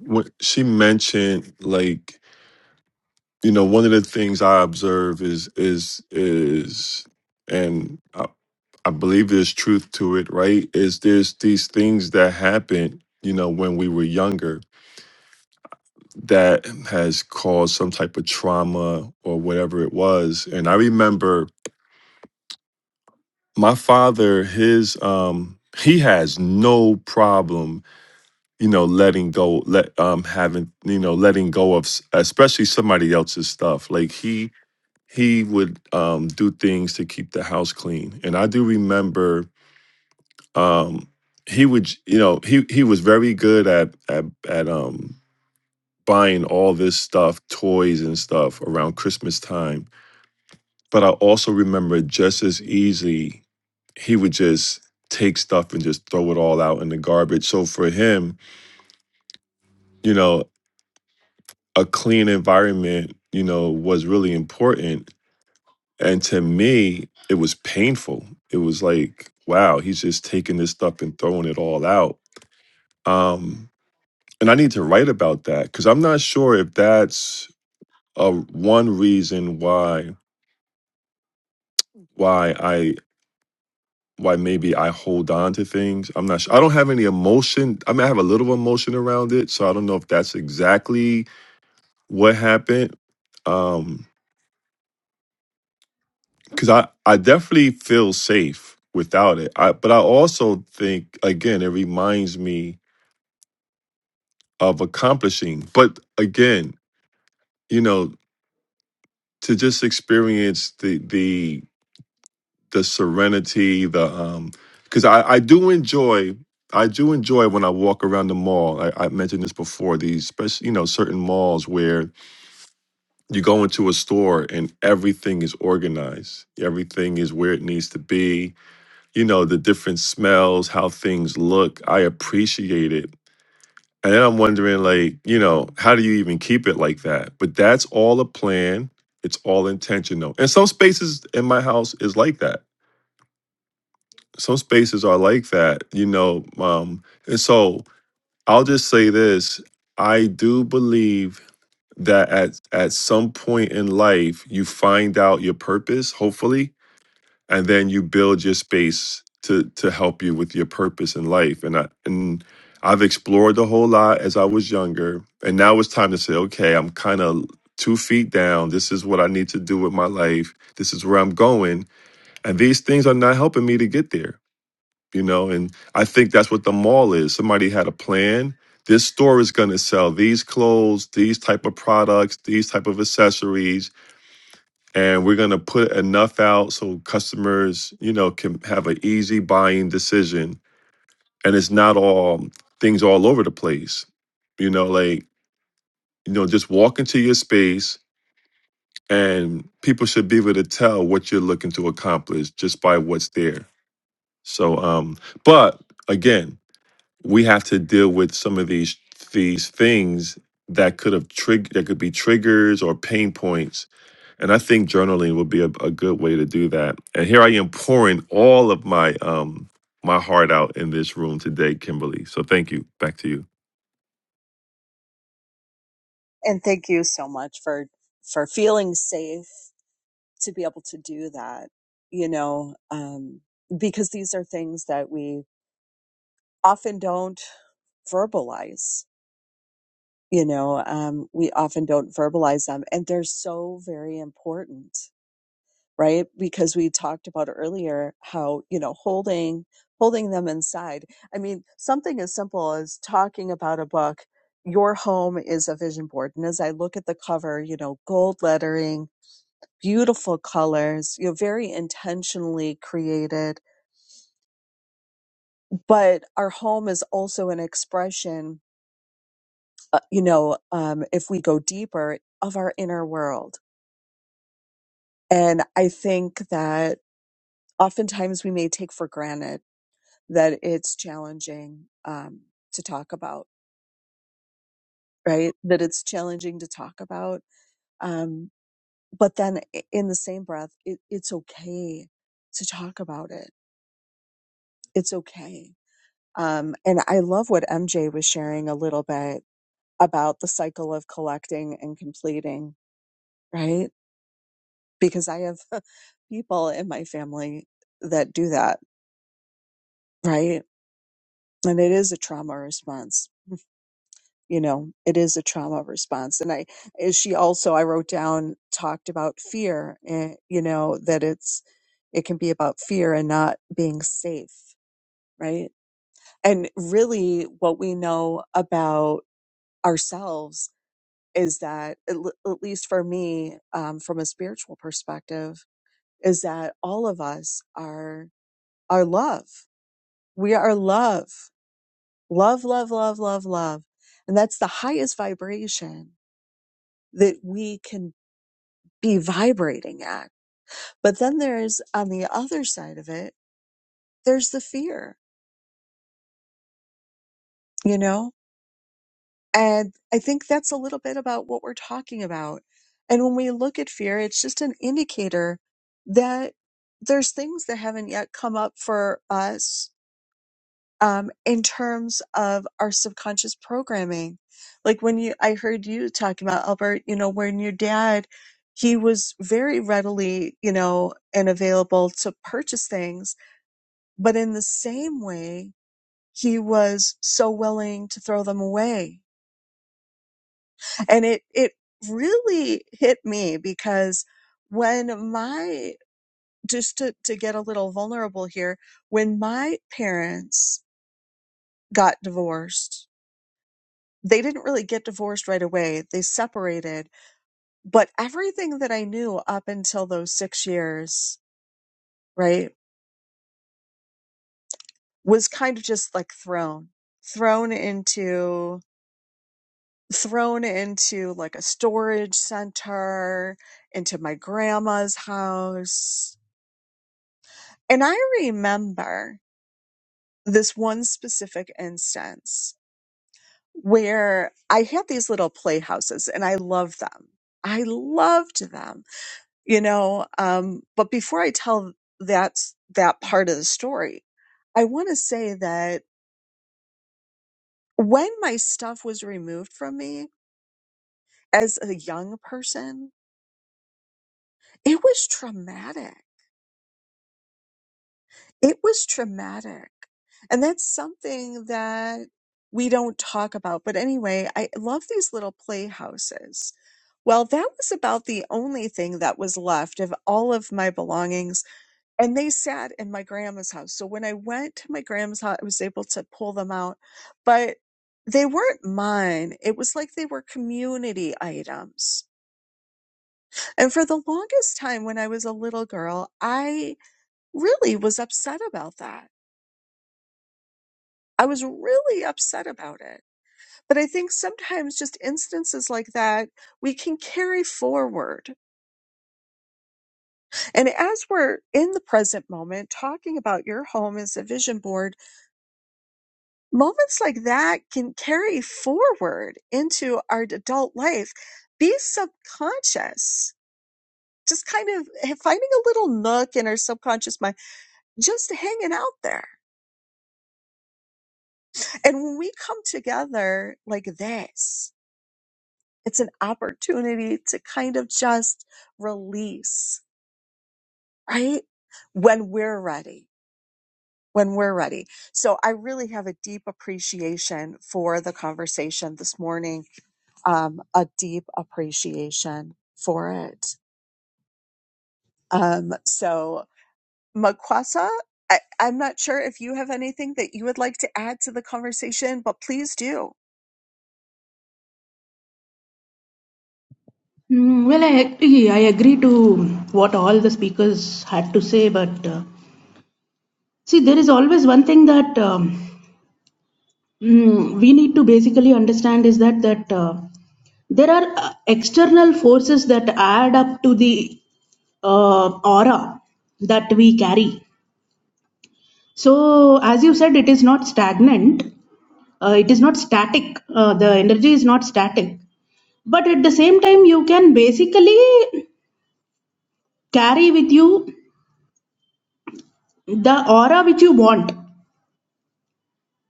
S2: What she mentioned, like you know one of the things i observe is is is and I, I believe there's truth to it right is there's these things that happen you know when we were younger that has caused some type of trauma or whatever it was and i remember my father his um he has no problem you know letting go let um having you know letting go of s- especially somebody else's stuff like he he would um, do things to keep the house clean. And I do remember um, he would, j- you know, he he was very good at at at um, buying all this stuff, toys and stuff around Christmas time. But I also remember just as easy, he would just take stuff and just throw it all out in the garbage. So for him, you know, a clean environment, you know, was really important And to me, it was painful. It was like, wow, he's just taking this stuff and throwing it all out. Um, and I need to write about that because I'm not sure if that's a one reason why why I why maybe I hold on to things. I'm not sure. I don't have any emotion. I mean, I have a little emotion around it, so I don't know if that's exactly what happened. Um, because I, I definitely feel safe without it. I, but I also think, again, it reminds me of accomplishing. But again, you know, to just experience the the the serenity, the um, because I I do enjoy. I do enjoy when I walk around the mall. I, I mentioned this before. These, especially you know, certain malls where you go into a store and everything is organized. Everything is where it needs to be you know, the different smells, how things look. I appreciate it. And then I'm wondering, like, you know, how do you even keep it like that? But that's all a plan. It's all intentional. And some spaces in my house is like that. Some spaces are like that, you know. Um, and so I'll just say this. I do believe that at at some point in life you find out your purpose, hopefully, and then you build your space to to help you with your purpose in life and I and I've explored a whole lot as I was younger and now it's time to say okay I'm kind of 2 feet down this is what I need to do with my life this is where I'm going and these things are not helping me to get there you know and I think that's what the mall is somebody had a plan this store is going to sell these clothes these type of products these type of accessories and we're going to put enough out so customers you know can have an easy buying decision and it's not all um, things all over the place you know like you know just walk into your space and people should be able to tell what you're looking to accomplish just by what's there so um but again we have to deal with some of these these things that could have triggered that could be triggers or pain points and i think journaling would be a, a good way to do that and here i am pouring all of my um my heart out in this room today kimberly so thank you back to you
S1: And thank you so much for for feeling safe to be able to do that. You know, um, because these are things that we often don't verbalize. You know, um, we often don't verbalize them, and they're so very important. right because we talked about earlier how you know holding holding them inside i mean something as simple as talking about a book your home is a vision board and as i look at the cover you know gold lettering beautiful colors you know very intentionally created but our home is also an expression uh, you know um, if we go deeper of our inner world and i think that oftentimes we may take for granted that it's challenging um, to talk about, right? That it's challenging to talk about. Um, but then i- in the same breath, it, it's okay to talk about it. It's okay. Um, and I love what MJ was sharing a little bit about the cycle of collecting and completing, right? Because I have people in my family that do that, right? And it is a trauma response. you know it is a trauma response and i is she also i wrote down talked about fear and you know that it's it can be about fear and not being safe right and really what we know about ourselves is that at l- at least for me um, from a spiritual perspective is that all of us are are love we are love love love love love love and that's the highest vibration that we can be vibrating at. But then there's on the other side of it, there's the fear, you know? And I think that's a little bit about what we're talking about. And when we look at fear, it's just an indicator that there's things that haven't yet come up for us um, in terms of our subconscious programming. Like when you, I heard you talking about Albert, you know, when your dad, he was very readily, you know, and available to purchase things But in the same way, he was so willing to throw them away. And it, it really hit me because when my, just to, to get a little vulnerable here, when my parents got divorced, they didn't really get divorced right away. They separated, but everything that I knew up until those six years, right, was kind of just like thrown, thrown into thrown into like a storage center, into my grandma's house. And I remember this one specific instance where I had these little playhouses and I loved them. I loved them, you know. Um, but before I tell that that part of the story, I want to say that when my stuff was removed from me as a young person, it was traumatic It was traumatic. And that's something that we don't talk about. But anyway, I love these little playhouses. Well, that was about the only thing that was left of all of my belongings. And they sat in my grandma's house. So when I went to my grandma's house, I was able to pull them out. But they weren't mine. It was like they were community items. And for the longest time when I was a little girl, I really was upset about that I was really upset about it. But I think sometimes just instances like that we can carry forward. And as we're in the present moment talking about your home as a vision board, moments like that can carry forward into our adult life. Be subconscious. Just kind of finding a little nook in our subconscious mind, just hanging out there. And when we come together like this, It's an opportunity to kind of just release, right? When we're ready, when we're ready. So I really have a deep appreciation for the conversation this morning, um, a deep appreciation for it. Um, so Makwasa, I, I'm not sure if you have anything that you would like to add to the conversation, but please do.
S4: Mm, Well, I agree. I agree to what all the speakers had to say, but uh, see, there is always one thing that um, mm, we need to basically understand is that that uh, There are uh, external forces that add up to the uh, aura that we carry. So, as you said, it is not stagnant, uh, it is not static, uh, the energy is not static. But at the same time, you can basically carry with you the aura which you want,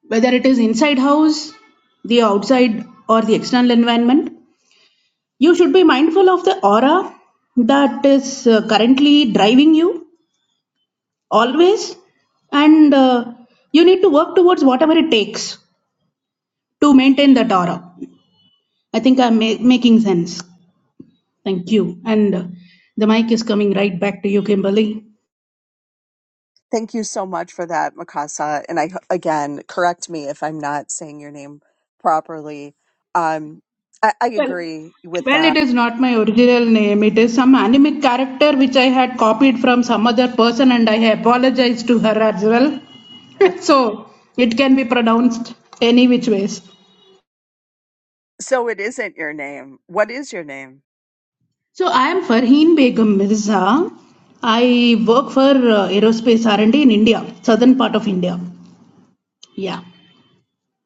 S4: whether it is inside house, the outside, or the external environment. You should be mindful of the aura that is uh, currently driving you always and uh, you need to work towards whatever it takes to maintain that aura i think i'm ma- making sense thank you and uh, the mic is coming right back to you kimberly
S1: Thank you so much for that, Mikasa. And I again correct me if I'm not saying your name properly. Um, I, I
S4: well,
S1: agree with
S4: well
S1: that.
S4: it is not my original name it is some anime character which i had copied from some other person and i apologize to her as well so it can be pronounced any which ways
S1: So it isn't your name. What is your name?
S4: So I am Farheen Begum Mirza. I work for uh, aerospace R&D in India, southern part of India. Yeah.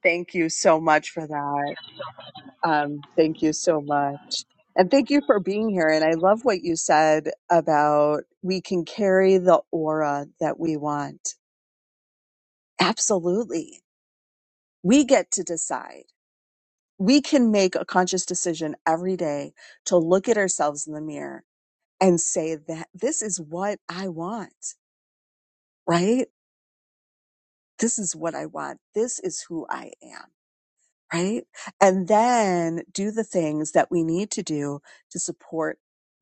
S1: Thank you so much for that. Um, thank you so much. And thank you for being here. And I love what you said about we can carry the aura that we want. Absolutely. We get to decide. we can make a conscious decision every day to look at ourselves in the mirror and say that this is what I want, right? This is what I want. This is who I am, right? And then do the things that we need to do to support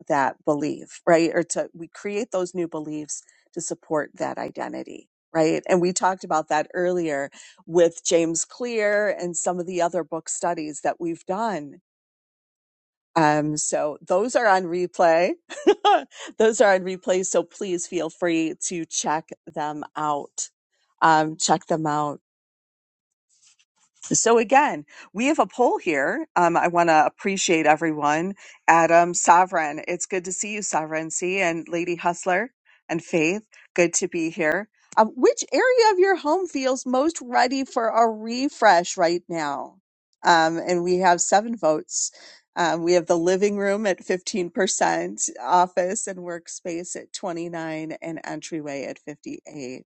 S1: that belief, right? Or to we create those new beliefs to support that identity. Right. And we talked about that earlier with James Clear and some of the other book studies that we've done Um, so those are on replay. those are on replay. So please feel free to check them out. Um, check them out. So again, we have a poll here. Um, I want to appreciate everyone. Adam, Sovereign, it's good to see you, Sovereignty, and Lady Hustler and Faith. Good to be here. Um, which area of your home feels most ready for a refresh right now? Um, and we have seven votes. Um, we have the living room at 15%, office and workspace at 29, and entryway at 58.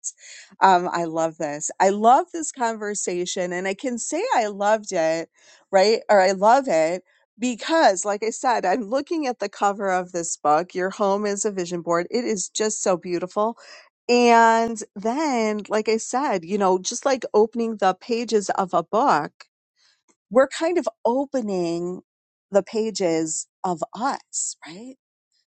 S1: Um, I love this. I love this conversation. And I can say I loved it, right? Or I love it because, like I said, I'm looking at the cover of this book, Your Home is a Vision Board. It is just so beautiful. And then, like I said, you know, just like opening the pages of a book, we're kind of opening the pages of us, right?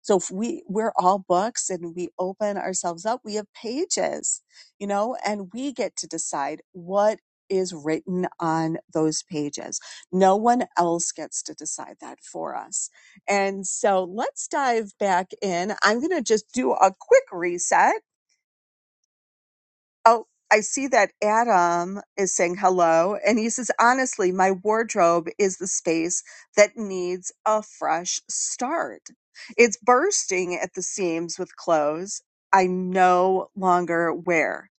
S1: So if we we're all books and we open ourselves up, we have pages, you know, and we get to decide what is written on those pages. No one else gets to decide that for us. And so let's dive back in. I'm going to just do a quick reset Oh, I see that Adam is saying hello. And he says, honestly, my wardrobe is the space that needs a fresh start. It's bursting at the seams with clothes I no longer wear.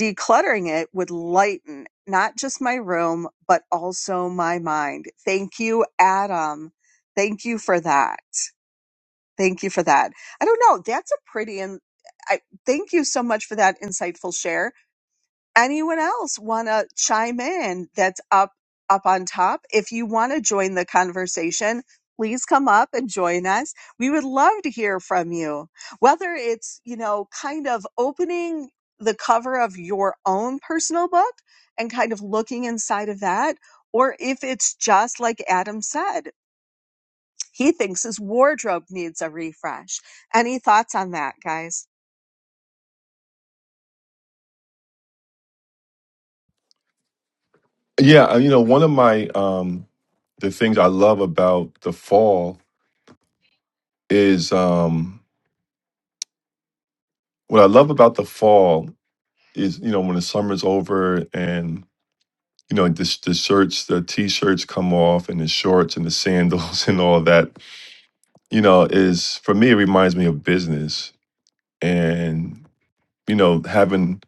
S1: Decluttering it would lighten not just my room, but also my mind. Thank you, Adam. Thank you for that. Thank you for that. I don't know. That's a pretty, and I thank you so much for that insightful share anyone else want to chime in that's up up on top if you want to join the conversation please come up and join us we would love to hear from you whether it's you know kind of opening the cover of your own personal book and kind of looking inside of that or if it's just like adam said he thinks his wardrobe needs a refresh any thoughts on that guys
S2: Yeah, uh, you know, one of my um the things I love about the fall is um what I love about the fall is, you know, when the summer's over and. you know, the, the shirts, the t-shirts come off and the shorts and the sandals and all that, you know, is for me, it reminds me of business and, you know, having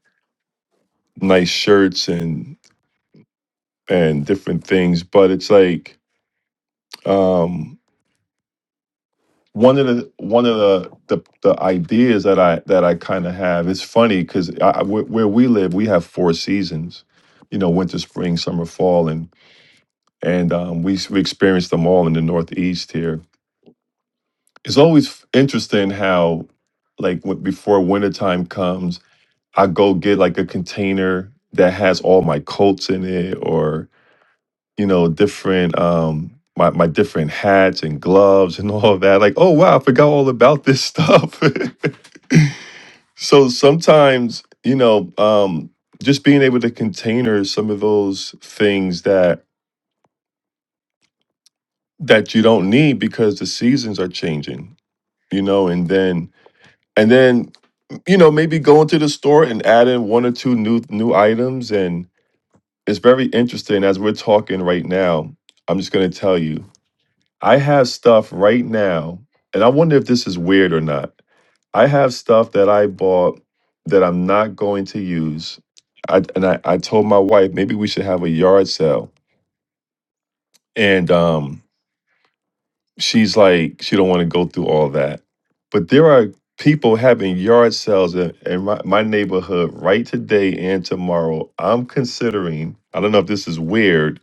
S2: nice shirts and, and different things. But it's like, um, one of the one of the the, the ideas that I that I kind of have it's funny because I, I- where, where we live we have four seasons, you know winter spring summer fall and and um, we s- we experience them all in the northeast here it's always interesting how like when, before wintertime comes i go get like a container that has all my coats in it or you know different um my, my different hats and gloves and all of that like oh wow i forgot all about this stuff so sometimes you know um just being able to container some of those things that that you don't need because the seasons are changing you know and then and then you know, maybe go into the store and add in one or two new new items. And it's very interesting as we're talking right now. I'm just gonna tell you, I have stuff right now, and I wonder if this is weird or not. I have stuff that I bought that I'm not going to use. I and I, I told my wife maybe we should have a yard sale. And um she's like she don't want to go through all that but there are people having yard sales in, in my, my neighborhood right today and tomorrow i'm considering i don't know if this is weird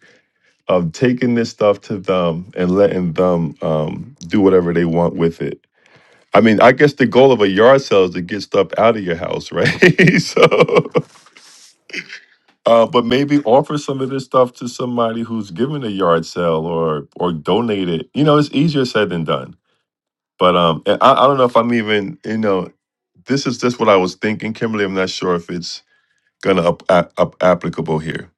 S2: of taking this stuff to them and letting them um, do whatever they want with it i mean i guess the goal of a yard sale is to get stuff out of your house right so uh, but maybe offer some of this stuff to somebody who's giving a yard sale or or donate it you know it's easier said than done But um, and I, I don't know if I'm even, you know, this is just what I was thinking, Kimberly. I'm not sure if it's gonna up, up, up applicable here.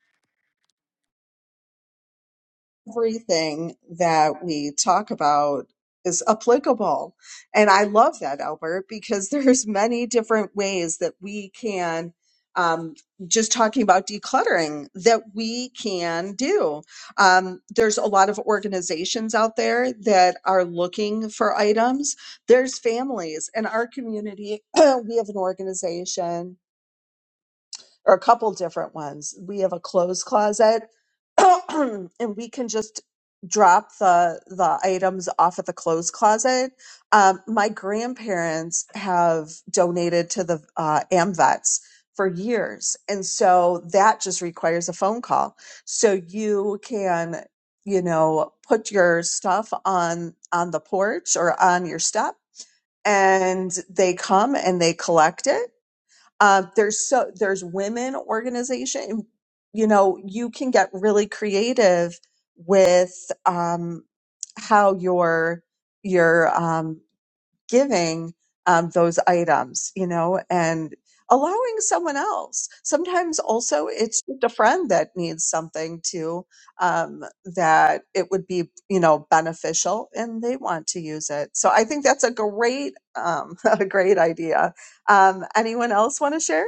S1: everything that we talk about is applicable. And I love that, Albert, because there's many different ways that we can um, just talking about decluttering that we can do. Um, there's a lot of organizations out there that are looking for items. There's families in our community. we have an organization or a couple different ones. We have a clothes closet and we can just drop the the items off at the clothes closet. Um, my grandparents have donated to the uh, AmVets for years, and so that just requires a phone call. So you can, you know, put your stuff on on the porch or on your step, and they come and they collect it uh, there's so there's women organization. You know, you can get really creative with um, how you're you're um, giving um, those items. You know, and allowing someone else. Sometimes also it's just a friend that needs something too um, that it would be you know beneficial and they want to use it. So I think that's a great um, a great idea. Um, anyone else want to share?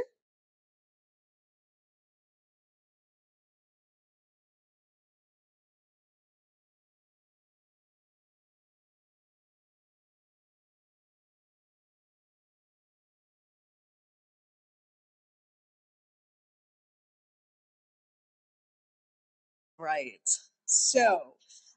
S1: Right. So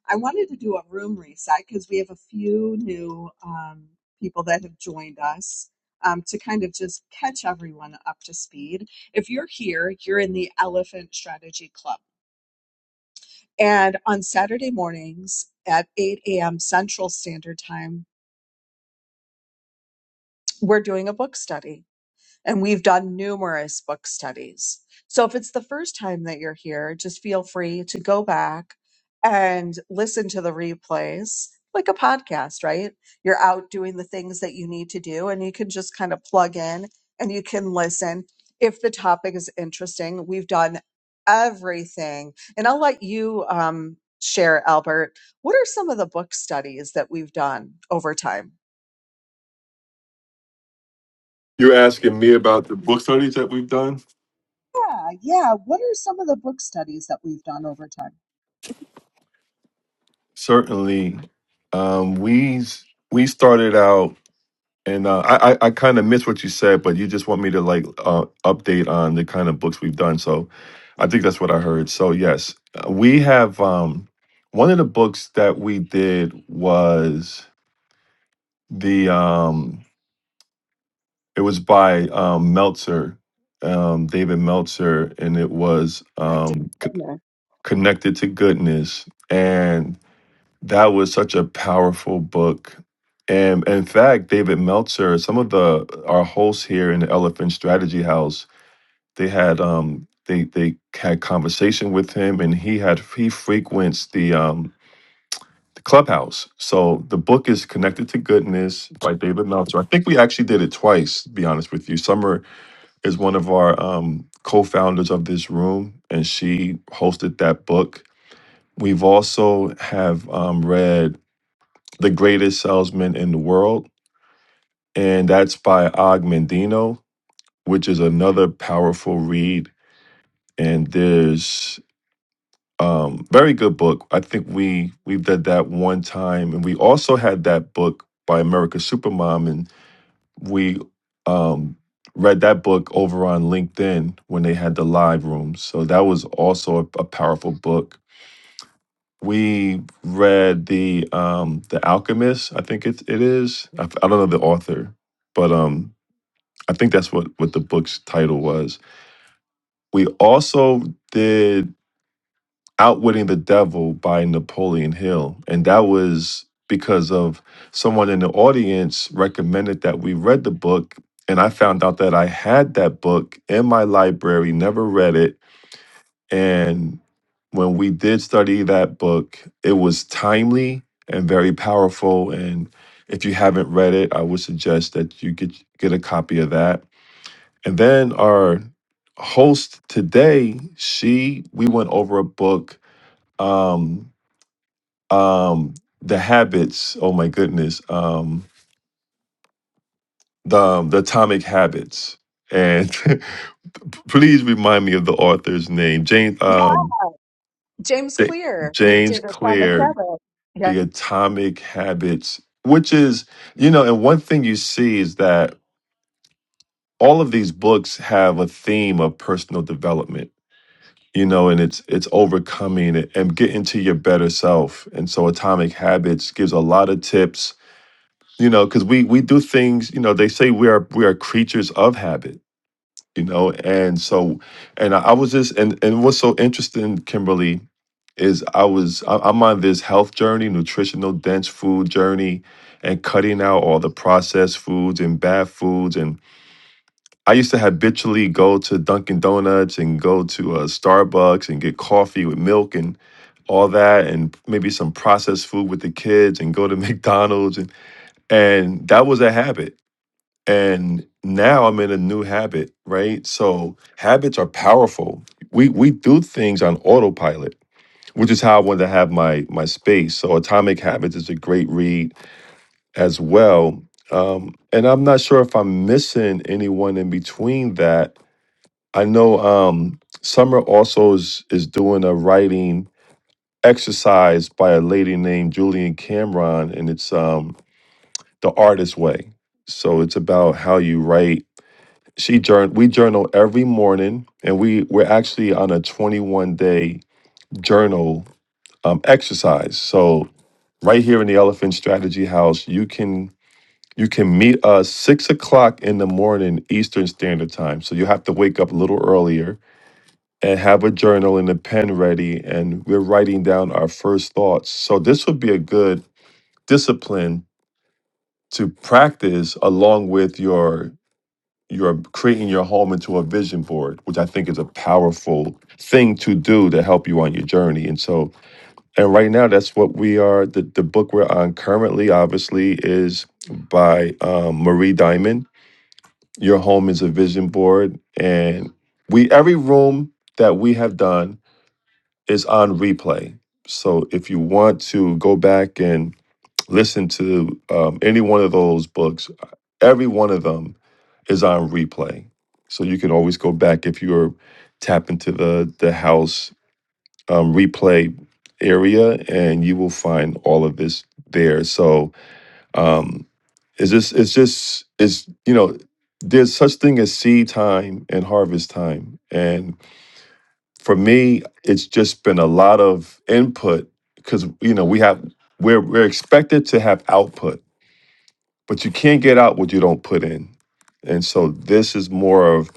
S1: I wanted to do a room reset because we have a few new um, people that have joined us um, to kind of just catch everyone up to speed. If you're here, you're in the Elephant Strategy Club. And on Saturday mornings at 8 a.m. Central Standard Time, we're doing a book study. and we've done numerous book studies. So if it's the first time that you're here, just feel free to go back and listen to the replays like a podcast, right? You're out doing the things that you need to do and you can just kind of plug in and you can listen. If the topic is interesting, we've done everything. And I'll let you um, share, Albert. What are some of the book studies that we've done over time?
S2: You're asking me about the book studies that we've done.
S1: Yeah, yeah. What are some of the book studies that we've done over time?
S2: Certainly, um, we we started out, and uh, I I, I kind of missed what you said, but you just want me to like uh, update on the kind of books we've done. So, I think that's what I heard. So yes, uh, we have um, one of the books that we did was the um It was by um, Meltzer, um, David Meltzer, and it was
S1: back to
S2: um, C-
S1: Gardner.
S2: Connected to Goodness. And that was such a powerful book. And in fact, David Meltzer, some of the our hosts here in the Elephant Strategy House, they had um, they they had conversation with him, and he had he frequents the um, the clubhouse. So the book is Connected to Goodness by David Meltzer. I think we actually did it twice, to be honest with you. Summer is one of our um, co-founders of this room, and she hosted that book. We've also have um, read "The Greatest Salesman in the World," and that's by Og Mandino, which is another powerful read. And there's um, very good book. I think we we did that one time, and we also had that book by America Supermom, and. we um, read that book over on LinkedIn when they had the live rooms. So that was also a, a powerful book. We read the um, the Alchemist. I think it it is. I, f- I don't know the author, but um, I think that's what what the book's title was. We also did. Outwitting the Devil by Napoleon Hill. And that was because of someone in the audience recommended that we read the book. And I found out that I had that book in my library, never read it. And when we did study that book, it was timely and very powerful. And if you haven't read it, I would suggest that you get get a copy of that. And then our host today, she we went over a book. Um, um, the habits. Oh my goodness. Um, the um, the Atomic Habits. And please remind me of the author's name, James.
S1: Yeah,
S2: Um,
S1: James
S2: Ja-
S1: Clear. He
S2: James
S1: did Atomic
S2: Clear.
S1: Habits. Yeah.
S2: The Atomic Habits, which is you know, and one thing you see is that all of these books have a theme of personal development you know and it's it's overcoming it and getting to your better self and so atomic habits gives a lot of tips you know because we we do things you know they say we are we are creatures of habit you know and so and i, I was just and and what's so interesting kimberly is i was I, i'm on this health journey nutritional dense food journey and cutting out all the processed foods and bad foods and i used to habitually go to dunkin donuts and go to uh, starbucks and get coffee with milk and all that and maybe some processed food with the kids and go to mcdonald's and and that was a habit and now I'm in a new habit, right? So habits are powerful. We we do things on autopilot, which is how I wanted to have my my space. So Atomic Habits is a great read as well. Um, and I'm not sure if I'm missing anyone in between that. I know um, Summer also is is doing a writing exercise by a lady named Julian Cameron, and it's um, the artist way. So it's about how you write she journal we journal every morning and we we're actually on a 21 day journal um, exercise so right here in the elephant strategy house you can you can meet us six o'clock in the morning eastern standard time so you have to wake up a little earlier and have a journal and a pen ready and we're writing down our first thoughts so this would be a good discipline to practice along with your you're creating your home into a vision board, which I think is a powerful thing to do to help you on your journey. And so, and right now, that's what we are. The, the book we're on currently, obviously, is by um, Marie Diamond. Your home is a vision board, and we every room that we have done is on replay. So if you want to go back and Listen to um, any one of those books. Every one of them is on replay, so you can always go back if you're tap into the the house um, replay area, and you will find all of this there. So um, it's just it's just it's you know there's such thing as seed time and harvest time and for me it's just been a lot of input because you know we have we're we're expected to have output but you can't get out what you don't put in. And so this is more of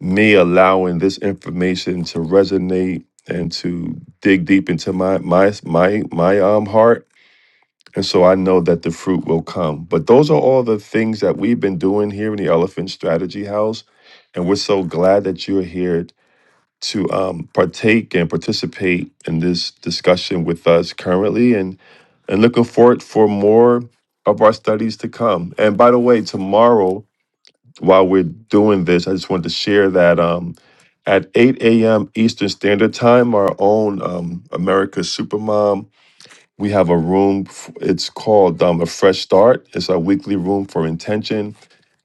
S2: me allowing this information to resonate and to dig deep into my my my my um heart. And so I know that the fruit will come. But those are all the things that we've been doing here in the Elephant Strategy House. And we're so glad that you're here to um, partake and participate in this discussion with us currently. and and looking forward for more of our studies to come. And by the way, tomorrow, while we're doing this, I just wanted to share that um, at 8 a.m. Eastern Standard Time, our own um, America's Supermom, we have a room. f- It's called um, A Fresh Start. It's our weekly room for intention.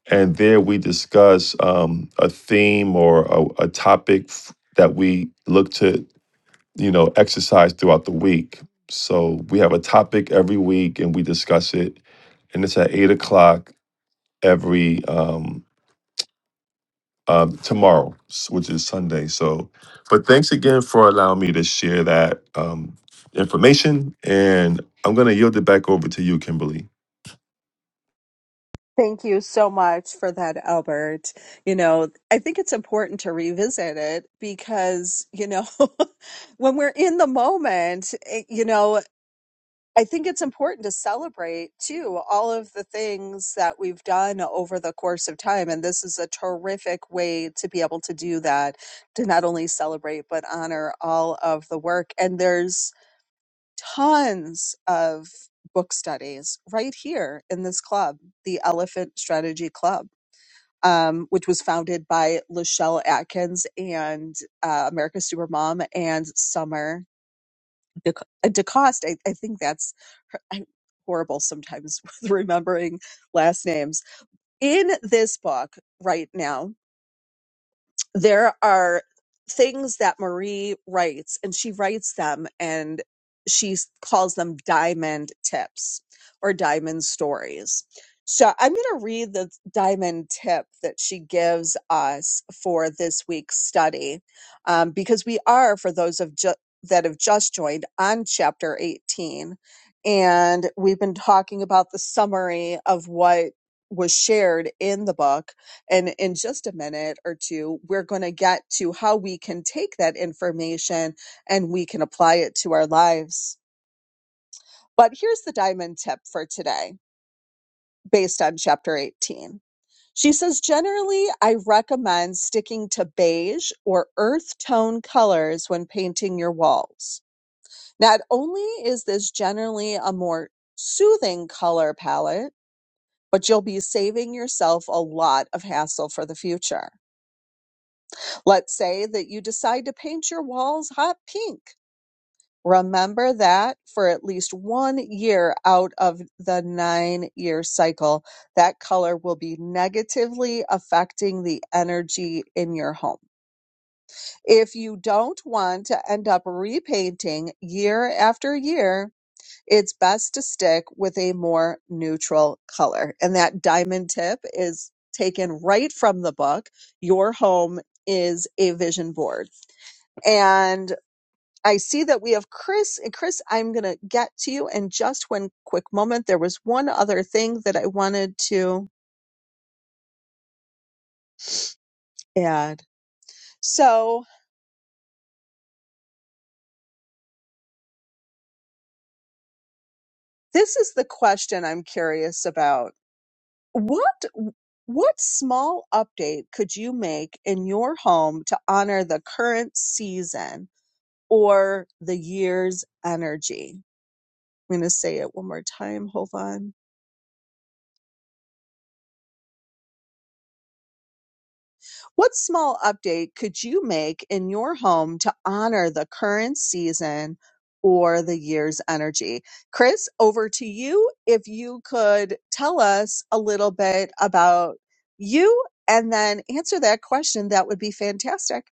S2: And there we discuss um, a theme or a, a topic f- that we look to you know, exercise throughout the week. So we have a topic every week and we discuss it. And it's at eight o'clock every um, um, tomorrow, s- which is Sunday. So, but thanks again for allowing me to share that um, information. And I'm going to yield it back over to you, Kimberly.
S1: Thank you so much for that, Albert. You know, I think it's important to revisit it because, you know, when we're in the moment, it, you know, I think it's important to celebrate too all of the things that we've done over the course of time. And this is a terrific way to be able to do that, to not only celebrate, but honor all of the work. And there's tons of book studies right here in this club, the Elephant Strategy Club, um, which was founded by Lachelle Atkins and uh, America's Supermom and Summer Dec- uh, DeCoste. I, I think that's her, I'm horrible sometimes with remembering last names. In this book right now, there are things that Marie writes, and she writes them and she calls them diamond tips or diamond stories. So I'm going to read the diamond tip that she gives us for this week's study um, because we are, for those of ju- that have just joined, on chapter 18. And we've been talking about the summary of what was shared in the book and in just a minute or two, we're going to get to how we can take that information and we can apply it to our lives. But here's the diamond tip for today, based on chapter 18. She says, generally, I recommend sticking to beige or earth tone colors when painting your walls. Not only is this generally a more soothing color palette, but you'll be saving yourself a lot of hassle for the future. Let's say that you decide to paint your walls hot pink. Remember that for at least one year out of the nine year cycle, that color will be negatively affecting the energy in your home. If you don't want to end up repainting year after year, it's best to stick with a more neutral color. And that diamond tip is taken right from the book, Your Home is a Vision Board and I see that we have Chris. And Chris, I'm going to get to you in just one quick moment. There was one other thing that I wanted to add. So, this is the question I'm curious about. What what small update could you make in your home to honor the current season or the year's energy? I'm going to say it one more time. Hold on What small update could you make in your home to honor the current season or the year's energy? Chris, over to you. If you could tell us a little bit about you and then answer that question, that would be fantastic.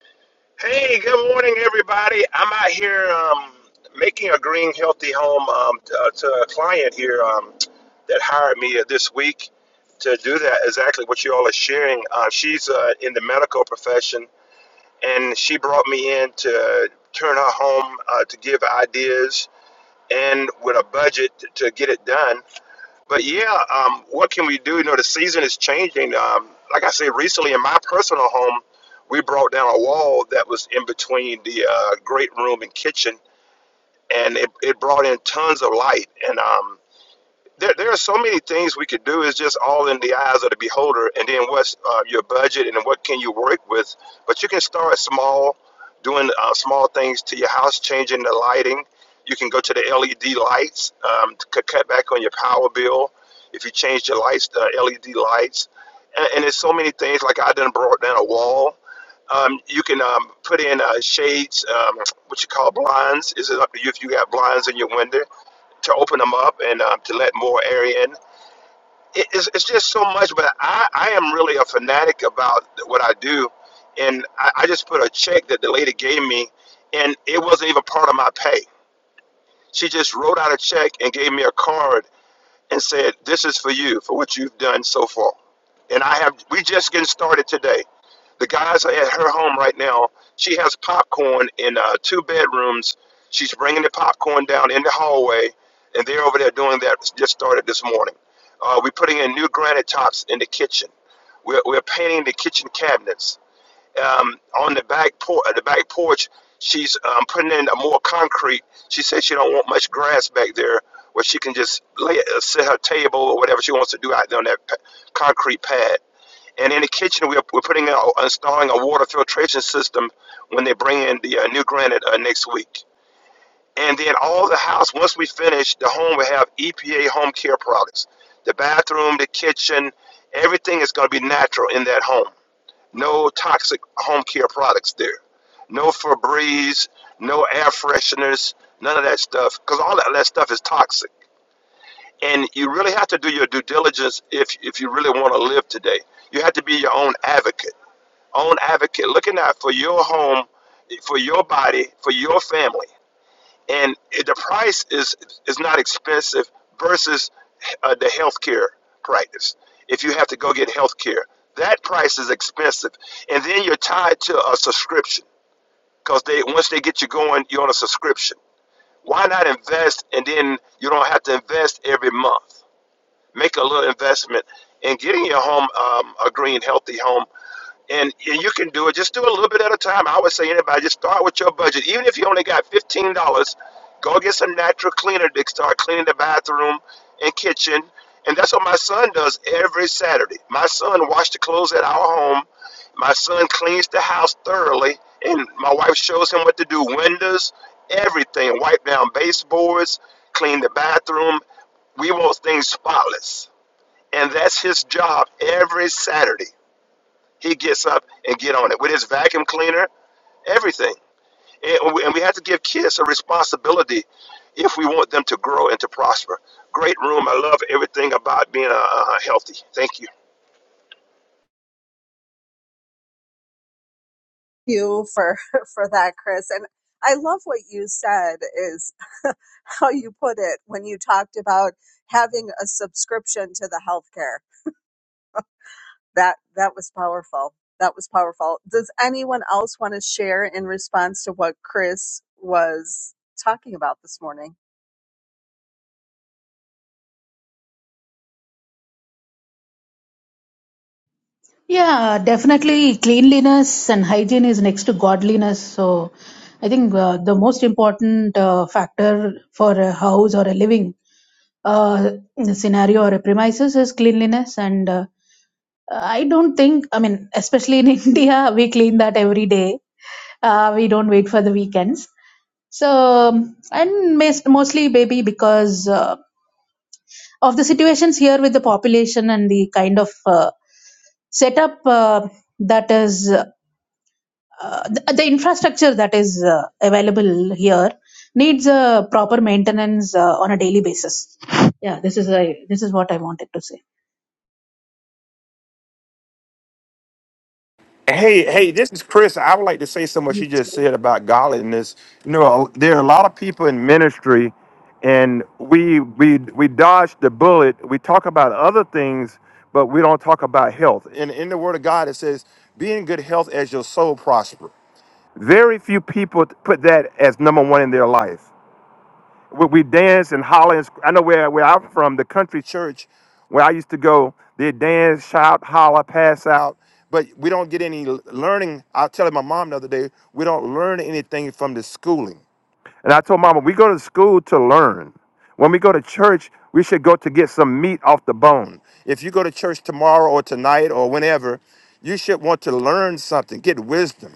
S6: Hey, good morning, everybody. I'm out here um, making a green healthy home um, t- uh, to a client here um, that hired me uh, this week to do that. Exactly what you all are sharing. Uh, she's uh, in the medical profession, and she brought me in to turn her home uh, to give ideas and with a budget to get it done. But yeah, um, what can we do? You know, the season is changing. Um, like I said recently, in my personal home, we brought down a wall that was in between the uh, great room and kitchen, and it, it brought in tons of light. And um, there, there are so many things we could do. It's just all in the eyes of the beholder, and then what's uh, your budget and what can you work with. But you can start small, doing uh, small things to your house, changing the lighting. You can go to the LED lights um, to cut cut back on your power bill if you change your lights to LED lights. And, and there's so many things like I done brought down a wall. Um, you can um, put in uh, shades, um, what you call blinds. Is it up to you if you got blinds in your window? to open them up and um, to let more air in. It, it's, it's just so much, but I, I am really a fanatic about what I do. And I, I just put a check that the lady gave me, and it wasn't even part of my pay. She just wrote out a check and gave me a card and said, This is for you, for what you've done so far. And I have, we just getting started today. The guys are at her home right now. She has popcorn in uh, two bedrooms. She's bringing the popcorn down in the hallway, and they're over there doing that. Just started this morning. Uh, we're putting in new granite tops in the kitchen. We're, we're painting the kitchen cabinets. Um, on the back por- uh, the back porch, she's um, putting in a more concrete. She says she don't want much grass back there, where she can just lay uh, set her table or whatever she wants to do out there on that p- concrete pad. And in the kitchen, we're, we're putting out, installing a water filtration system when they bring in the uh, new granite uh, next week. And then all the house, once we finish, the home will have EPA home care products. The bathroom, the kitchen, everything is going to be natural in that home. No toxic home care products there. No Febreze, no air fresheners, none of that stuff, because all that, that stuff is toxic. And you really have to do your due diligence if, if you really want to live today. You have to be your own advocate own advocate looking out for your home, for your body, for your family. And the price is is not expensive versus uh, the healthcare practice. If you have to go get healthcare, that price is expensive, and then you're tied to a subscription because they once they get you going, you're on a subscription. Why not invest and then you don't have to invest every month? Make a little investment in getting your home um, a green, healthy home and and you can do it. Just do a little bit at a time. I would say anybody just start with your budget. Even if you only got fifteen dollars, go get some natural cleaner to start cleaning the bathroom and kitchen. And that's what my son does every Saturday. My son washes the clothes at our home. My son cleans the house thoroughly, and my wife shows him what to do: windows, everything, wipe down baseboards, clean the bathroom. We want things spotless, and that's his job every Saturday he gets up and get on it with his vacuum cleaner, everything. And we, and we have to give kids a responsibility if we want them to grow and to prosper. Great room. I love everything about being uh, uh, healthy. Thank you.
S1: Thank You for for that, Chris. And I love what you said is how you put it when you talked about having a subscription to the healthcare. that that was powerful that was powerful does anyone else want to share in response to what chris was talking about this morning
S4: Yeah, definitely cleanliness and hygiene is next to godliness. So I think uh, the most important uh, factor for a house or a living uh, scenario or a premises is cleanliness. And uh, I don't think, I mean, especially in India, we clean that every day. Uh, we don't wait for the weekends So, and mes- mostly maybe because uh, of the situations here with the population and the kind of uh, setup uh, that is, uh, the, the infrastructure that is uh, available here needs a proper maintenance uh, on a daily basis. Yeah, this is a, this is what I wanted to say.
S6: Hey, hey, this is Chris. I would like to say something what you just said about godliness. You know, there are a lot of people in ministry, and we we we dodge the bullet. We talk about other things, but we don't talk about health. And in the Word of God, it says, "Be in good health as your soul prosper." Very few people put that as number one in their life. We, we dance and holler. And, sc- I know where, where I'm from, the country church where I used to go, they dance, shout, holler, pass out. But we don't get any l- learning. I was telling my mom the other day, we don't learn anything from the schooling. And I told mama, we go to school to learn. When we go to church, we should go to get some meat off the bone. If you go to church tomorrow or tonight or whenever, you should want to learn something, get wisdom.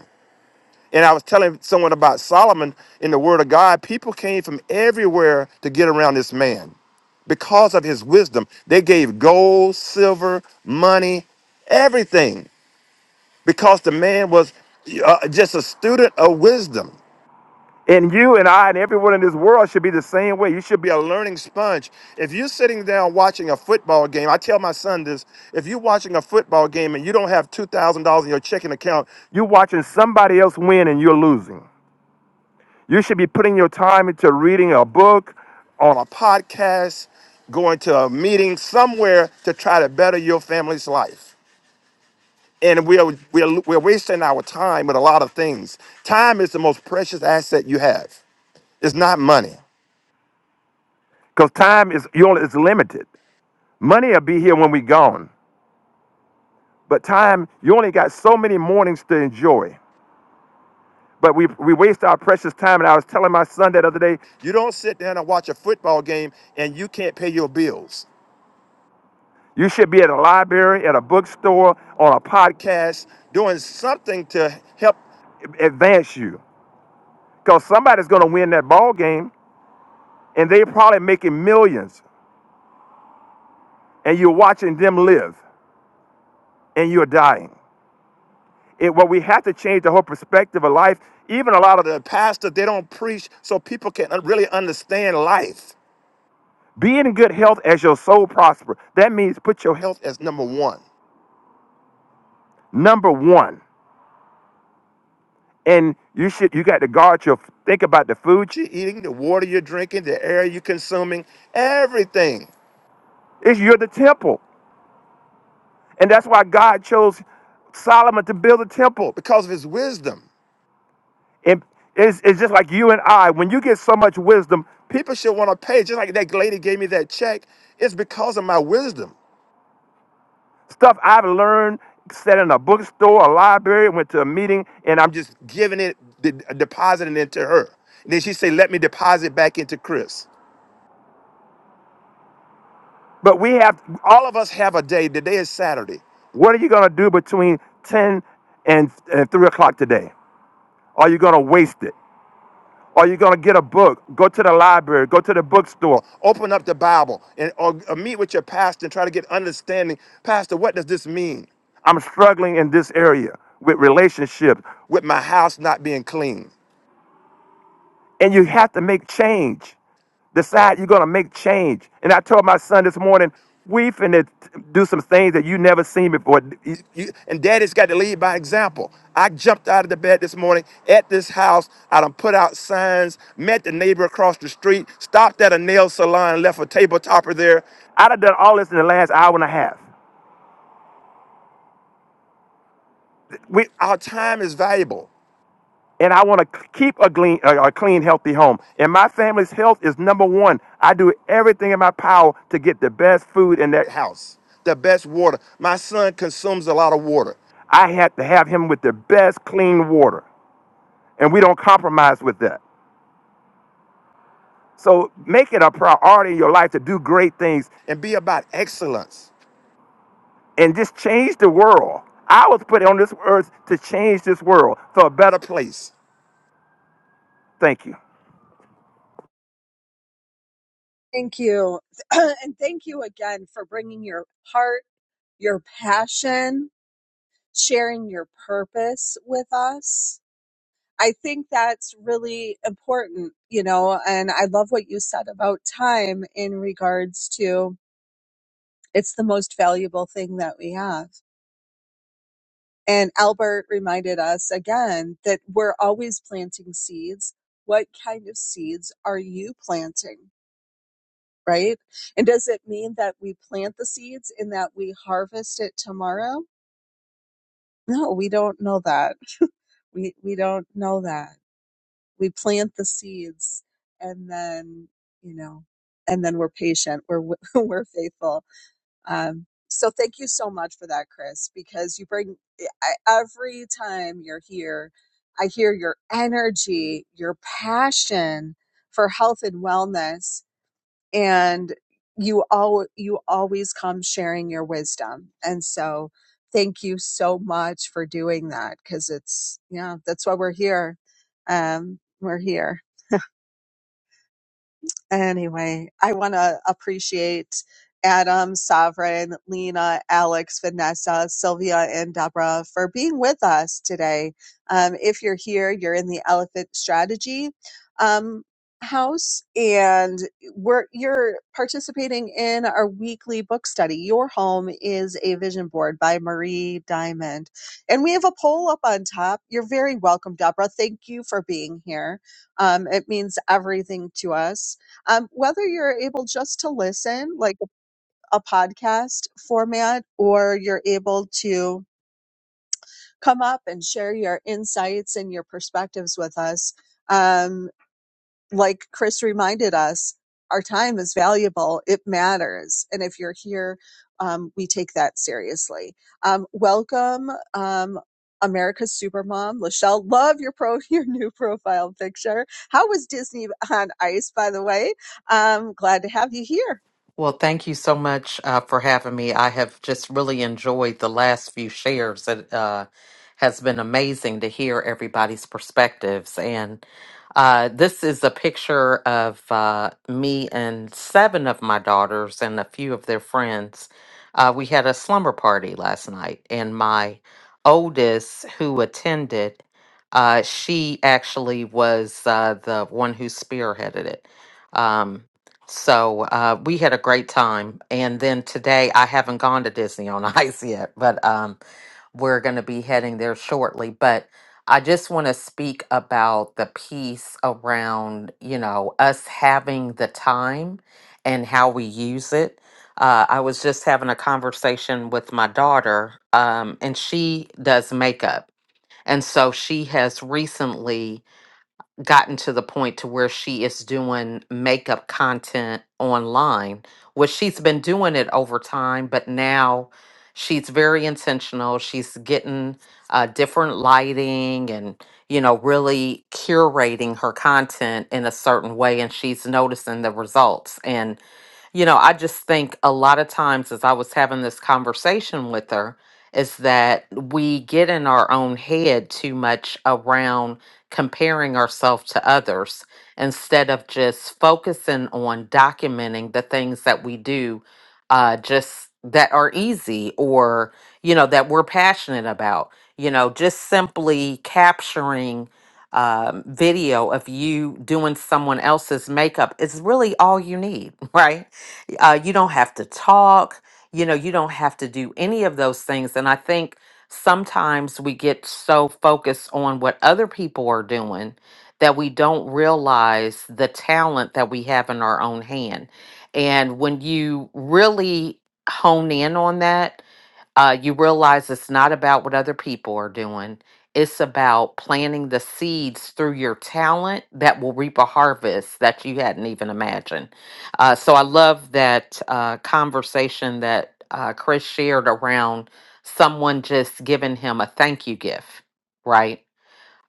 S6: And I was telling someone about Solomon in the Word of God. People came from everywhere to get around this man because of his wisdom. They gave gold, silver, money, everything because the man was uh, just a student of wisdom. And you and I and everyone in this world should be the same way. You should be a learning sponge. If you're sitting down watching a football game, I tell my son this if you're watching a football game and you don't have $2,000 in your checking account, you're watching somebody else win and you're losing. You should be putting your time into reading a book, on a podcast, going to a meeting somewhere to try to better your family's life. And we are, we are, we're wasting our time with a lot of things. Time is the most precious asset you have. It's not money. Because time is, you only, is limited. Money will be here when we're gone. But time, you only got so many mornings to enjoy. But we, we waste our precious time. And I was telling my son that other day, you don't sit down and watch a football game and you can't pay your bills. You should be at a library, at a bookstore, on a podcast, doing something to help advance you. Because somebody's going to win that ball game, and they're probably making millions, and you're watching them live, and you're dying. It, well, we have to change the whole perspective of life. Even a lot of the pastors, they don't preach so people can really understand life. Be in good health as your soul prosper. That means put your health as number one. Number one. And you should you got to guard your think about the food you're eating, the water you're drinking, the air you're consuming, everything. It's you're the temple. And that's why God chose Solomon to build a temple because of his wisdom. And it's, it's just like you and I, when you get so much wisdom, people should want to pay. Just like that lady gave me that check, it's because of my wisdom. Stuff I've learned, sat in a bookstore, a library, went to a meeting, and I'm just giving it, de- depositing it to her. And then she said, let me deposit back into Chris. But we have, all of us have a day. Today is Saturday. What are you going to do between 10 and, and 3 o'clock today? Are you going to waste it? or you're going to get a book. Go to the library, go to the bookstore, open up the Bible, and or, or meet with your pastor and try to get understanding. Pastor, what does this mean? I'm struggling in this area with relationships, with my house not being clean. And you have to make change. Decide you're going to make change. And I told my son this morning, we finna do some things that you never seen before. You- you- and daddy's got to lead by example. I jumped out of the bed this morning at this house. I done put out signs, met the neighbor across the street, stopped at a nail salon, left a table topper there. I done done all this in the last hour and a half. We, our time is valuable. and I want to keep a clean, a clean, healthy home. And my family's health is number one. I do everything in my power to get the best food in that house, the best water. My son consumes a lot of water. I had to have him with the best clean water, and we don't compromise with that. So make it a priority in your life to do great things and be about excellence and just change the world. I was put on this earth to change this world for a better place. Thank you.
S1: Thank you. and thank you again for bringing your heart, your passion, sharing your purpose with us. I think that's really important, you know, and I love what you said about time in regards to it's the most valuable thing that we have. And Albert reminded us again that we're always planting seeds. What kind of seeds are you planting? Right? And does it mean that we plant the seeds and that we harvest it tomorrow? No, we don't know that. We we don't know that. We plant the seeds and then, you know, and then we're patient. We're we're faithful Um, so thank you so much for that, Chris, because you bring eh, I, every time you're here, I hear your energy, your passion for health and wellness, and you all you always come sharing your wisdom. And so thank you so much for doing that because it's yeah, that's why we're here. Um, we're here. Anyway, I want to appreciate Adam, Sovereign, Lena, Alex, Vanessa, Sylvia, and Deborah for being with us today. Um, if you're here, you're in the Elephant Strategy um, House, and we're you're participating in our weekly book study. Your home is a vision board by Marie Diamond, and we have a poll up on top. You're very welcome, Deborah. Thank you for being here. Um, it means everything to us um, whether you're able just to listen, like a podcast format, or you're able to come up and share your insights and your perspectives with us. Um, like Chris reminded us, our time is valuable, it matters. And if you're here, um, we take that seriously. Um, welcome. Um, America's Supermom, Lachelle, love your pro your new profile picture. How was Disney on Ice, by the way? Um, glad to have you here.
S7: Well, thank you so much uh, for having me. I have just really enjoyed the last few shares. It uh, has been amazing to hear everybody's perspectives. And uh, this is a picture of uh, me and seven of my daughters and a few of their friends. Uh, we had a slumber party last night, and my oldest, who attended, uh, she actually was uh, the one who spearheaded it. Um, so uh, we had a great time. And then today, I haven't gone to Disney on Ice yet, but um, we're going to be heading there shortly. But I just want to speak about the piece around, you know, us having the time and how we use it. Uh, I was just having a conversation with my daughter, um, and she does makeup. And so she has recently gotten to the point to where she is doing makeup content online which she's been doing it over time but now she's very intentional she's getting uh, different lighting and you know really curating her content in a certain way and she's noticing the results and you know i just think a lot of times as i was having this conversation with her is that we get in our own head too much around comparing ourselves to others instead of just focusing on documenting the things that we do uh, just that are easy or, you know, that we're passionate about. You know, just simply capturing um, video of you doing someone else's makeup is really all you need, right? Uh, you don't have to talk. You know, you don't have to do any of those things. And I think sometimes we get so focused on what other people are doing that we don't realize the talent that we have in our own hand. And when you really hone in on that, uh, you realize it's not about what other people are doing. It's about planting the seeds through your talent that will reap a harvest that you hadn't even imagined. Uh, so I love that uh, conversation that uh, Chris shared around someone just giving him a thank you gift, right?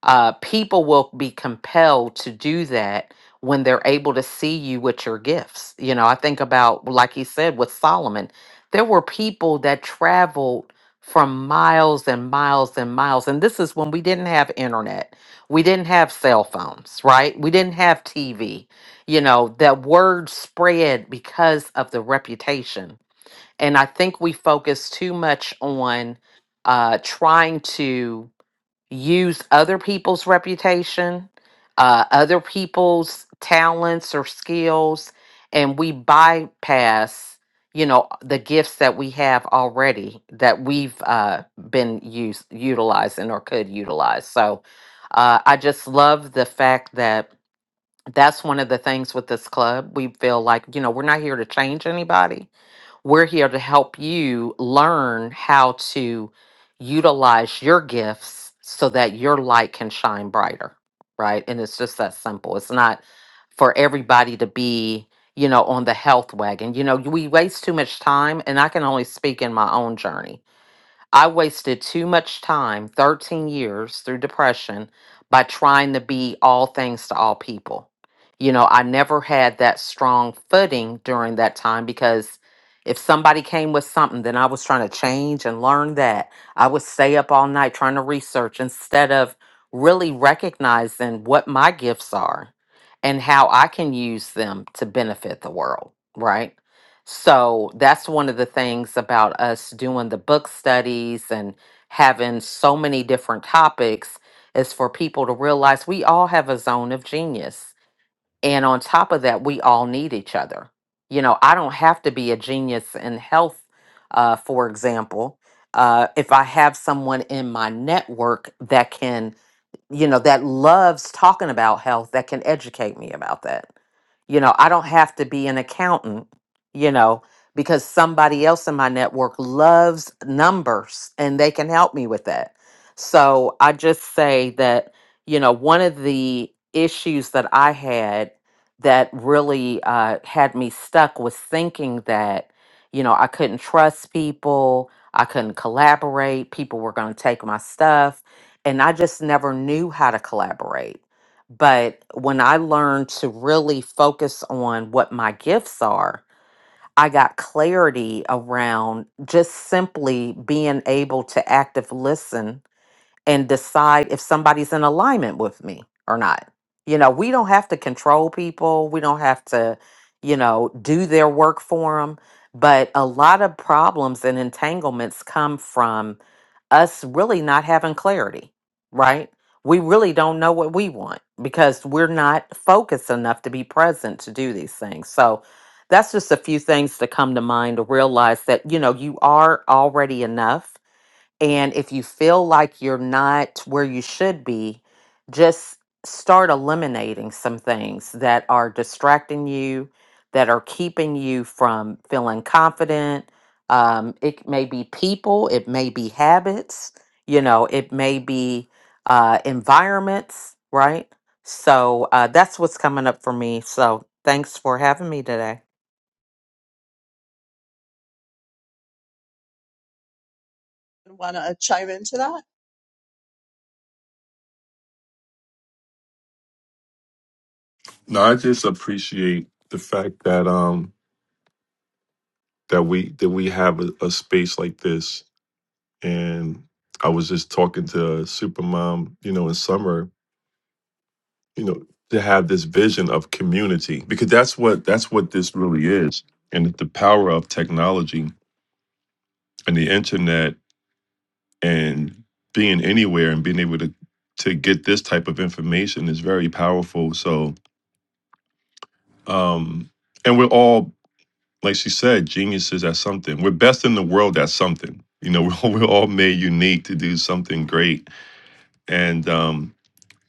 S7: uh, people will be compelled to do that when they're able to see you with your gifts. You know, I think about, like he said, with Solomon, there were people that traveled from miles and miles and miles. And this is when we didn't have internet, we didn't have cell phones, right? We didn't have TV. You know, that word spread because of the reputation. And I think we focus too much on uh, trying to use other people's reputation, uh, other people's talents or skills, and we bypass, you know, the gifts that we have already that we've uh, been use, utilizing or could utilize. So uh, I just love the fact that that's one of the things with this club. We feel like, you know, we're not here to change anybody we're here to help you learn how to utilize your gifts so that your light can shine brighter, right? And it's just that simple. It's not for everybody to be, you know, on the health wagon. You know, we waste too much time, and I can only speak in my own journey I wasted too much time, 13 years through depression, by trying to be all things to all people. You know, I never had that strong footing during that time because if somebody came with something, then I was trying to change and learn that. I would stay up all night trying to research instead of really recognizing what my gifts are and how I can use them to benefit the world, right? So that's one of the things about us doing the book studies and having so many different topics is for people to realize we all have a zone of genius. And on top of that, we all need each other. You know, I don't have to be a genius in health, uh, for example. Uh, if I have someone in my network that can you know, that loves talking about health that can educate me about that. You know, I don't have to be an accountant, you know, because somebody else in my network loves numbers and they can help me with that. So I just say that, you know, one of the issues that I had that really uh, had me stuck was thinking that, you know, I couldn't trust people, I couldn't collaborate, people were going to take my stuff and I just never knew how to collaborate. But when I learned to really focus on what my gifts are, I got clarity around just simply being able to active listen and decide if somebody's in alignment with me or not. You know, we don't have to control people, we don't have to, you know, do their work for them. But a lot of problems and entanglements come from us really not having clarity, right? We really don't know what we want because we're not focused enough to be present to do these things. So that's just a few things to come to mind to realize that, you know, you are already enough and if you feel like you're not where you should be, just start eliminating some things that are distracting you, that are keeping you from feeling confident. Um, it may be people, it may be habits, you know, it may be uh, environments, right? So uh, that's what's coming up for me. So thanks for having me today.
S1: want to chime into that?
S2: No, I just appreciate the fact that um that we that we have a, a space like this. And I was just talking to Supermom, you know, in summer you know to have this vision of community because that's what that's what this really is and it's the power of technology and the internet and being anywhere and being able to to get this type of information is very powerful so um and we're all like she said geniuses at something we're best in the world at something you know we're all, we're all made unique to do something great and um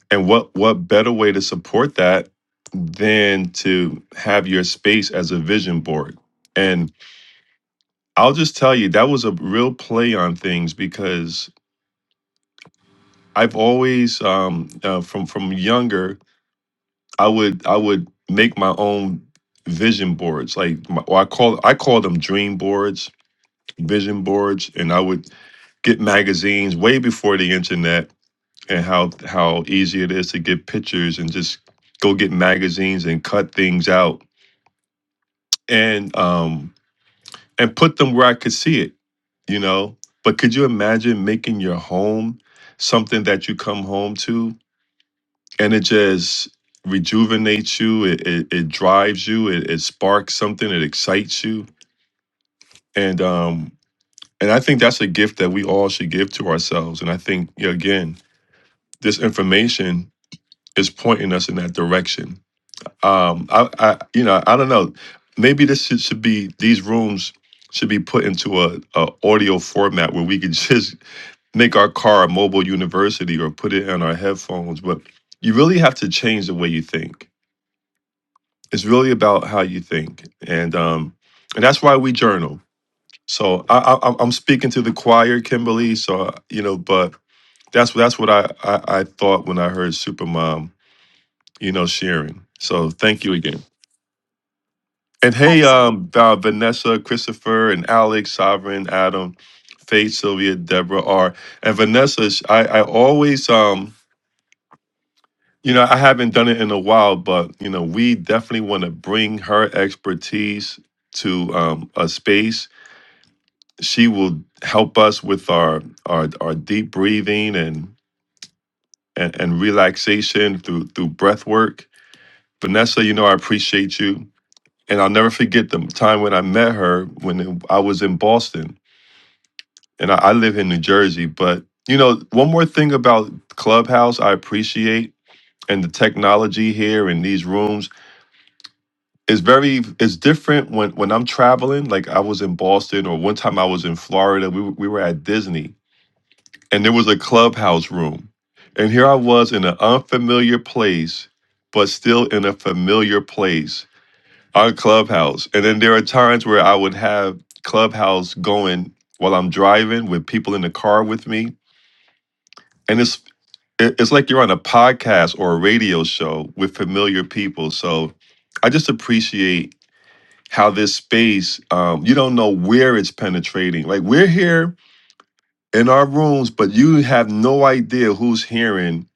S2: And what what better way to support that than to have your space as a vision board? And I'll just tell you that was a real play on things because I've always um, uh, from from younger I would I would make my own vision boards like my, or I call I call them dream boards, vision boards, and I would get magazines way before the internet and how how easy it is to get pictures and just go get magazines and cut things out and um and put them where I could see it, you know. But could you imagine making your home something that you come home to and it just rejuvenates you, it it, it drives you, it, it sparks something, it excites you. And um and I think that's a gift that we all should give to ourselves. And I think you know, again, this information is pointing us in that direction um I, I you know i don't know maybe this should, should be these rooms should be put into a, a audio format where we could just make our car a mobile university or put it in our headphones but you really have to change the way you think it's really about how you think and um and that's why we journal so i, I i'm I'm speaking to the choir kimberly so uh, you know but that's that's what I, I i thought when i heard supermom you know sharing so thank you again And hey,
S1: Absolutely.
S2: um, uh, Vanessa, Christopher, and Alex, Sovereign, Adam, Faith, Sylvia, Deborah, R. And Vanessa, sh- I, I always, um, you know, I haven't done it in a while, but, you know, we definitely want to bring her expertise to um, a space. She will help us with our our, our deep breathing and, and, and relaxation through, through breath work. Vanessa, you know, I appreciate you. And I'll never forget the time when I met her when I was in Boston and I, I live in New Jersey. But you know, one more thing about Clubhouse I appreciate and the technology here in these rooms is very is different when when I'm traveling. Like I was in Boston or one time I was in Florida. We were- we were at Disney and there was a Clubhouse room, and here I was in an unfamiliar place, but still in a familiar place on Clubhouse. And then there are times where I would have Clubhouse going while I'm driving with people in the car with me and it's. it- it's like you're on a podcast or a radio show with familiar people. So I just appreciate how this space, um, you don't know where it's penetrating. Like we're here in our rooms, but you have no idea who's hearing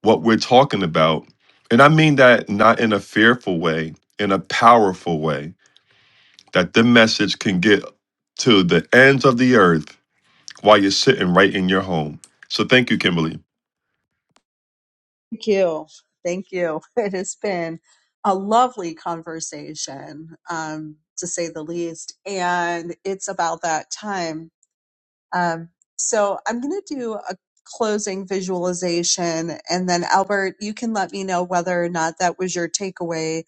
S2: what we're talking about. And I mean that not in a fearful way, in a powerful way, that the message can get to the ends of the earth while you're sitting right in your home. So thank you, Kimberly.
S1: Thank you. Thank you. It has been a lovely conversation, um, to say the least. And it's about that time. Um, so I'm going to do a closing visualization. And then, Albert, you can let me know whether or not that was your takeaway.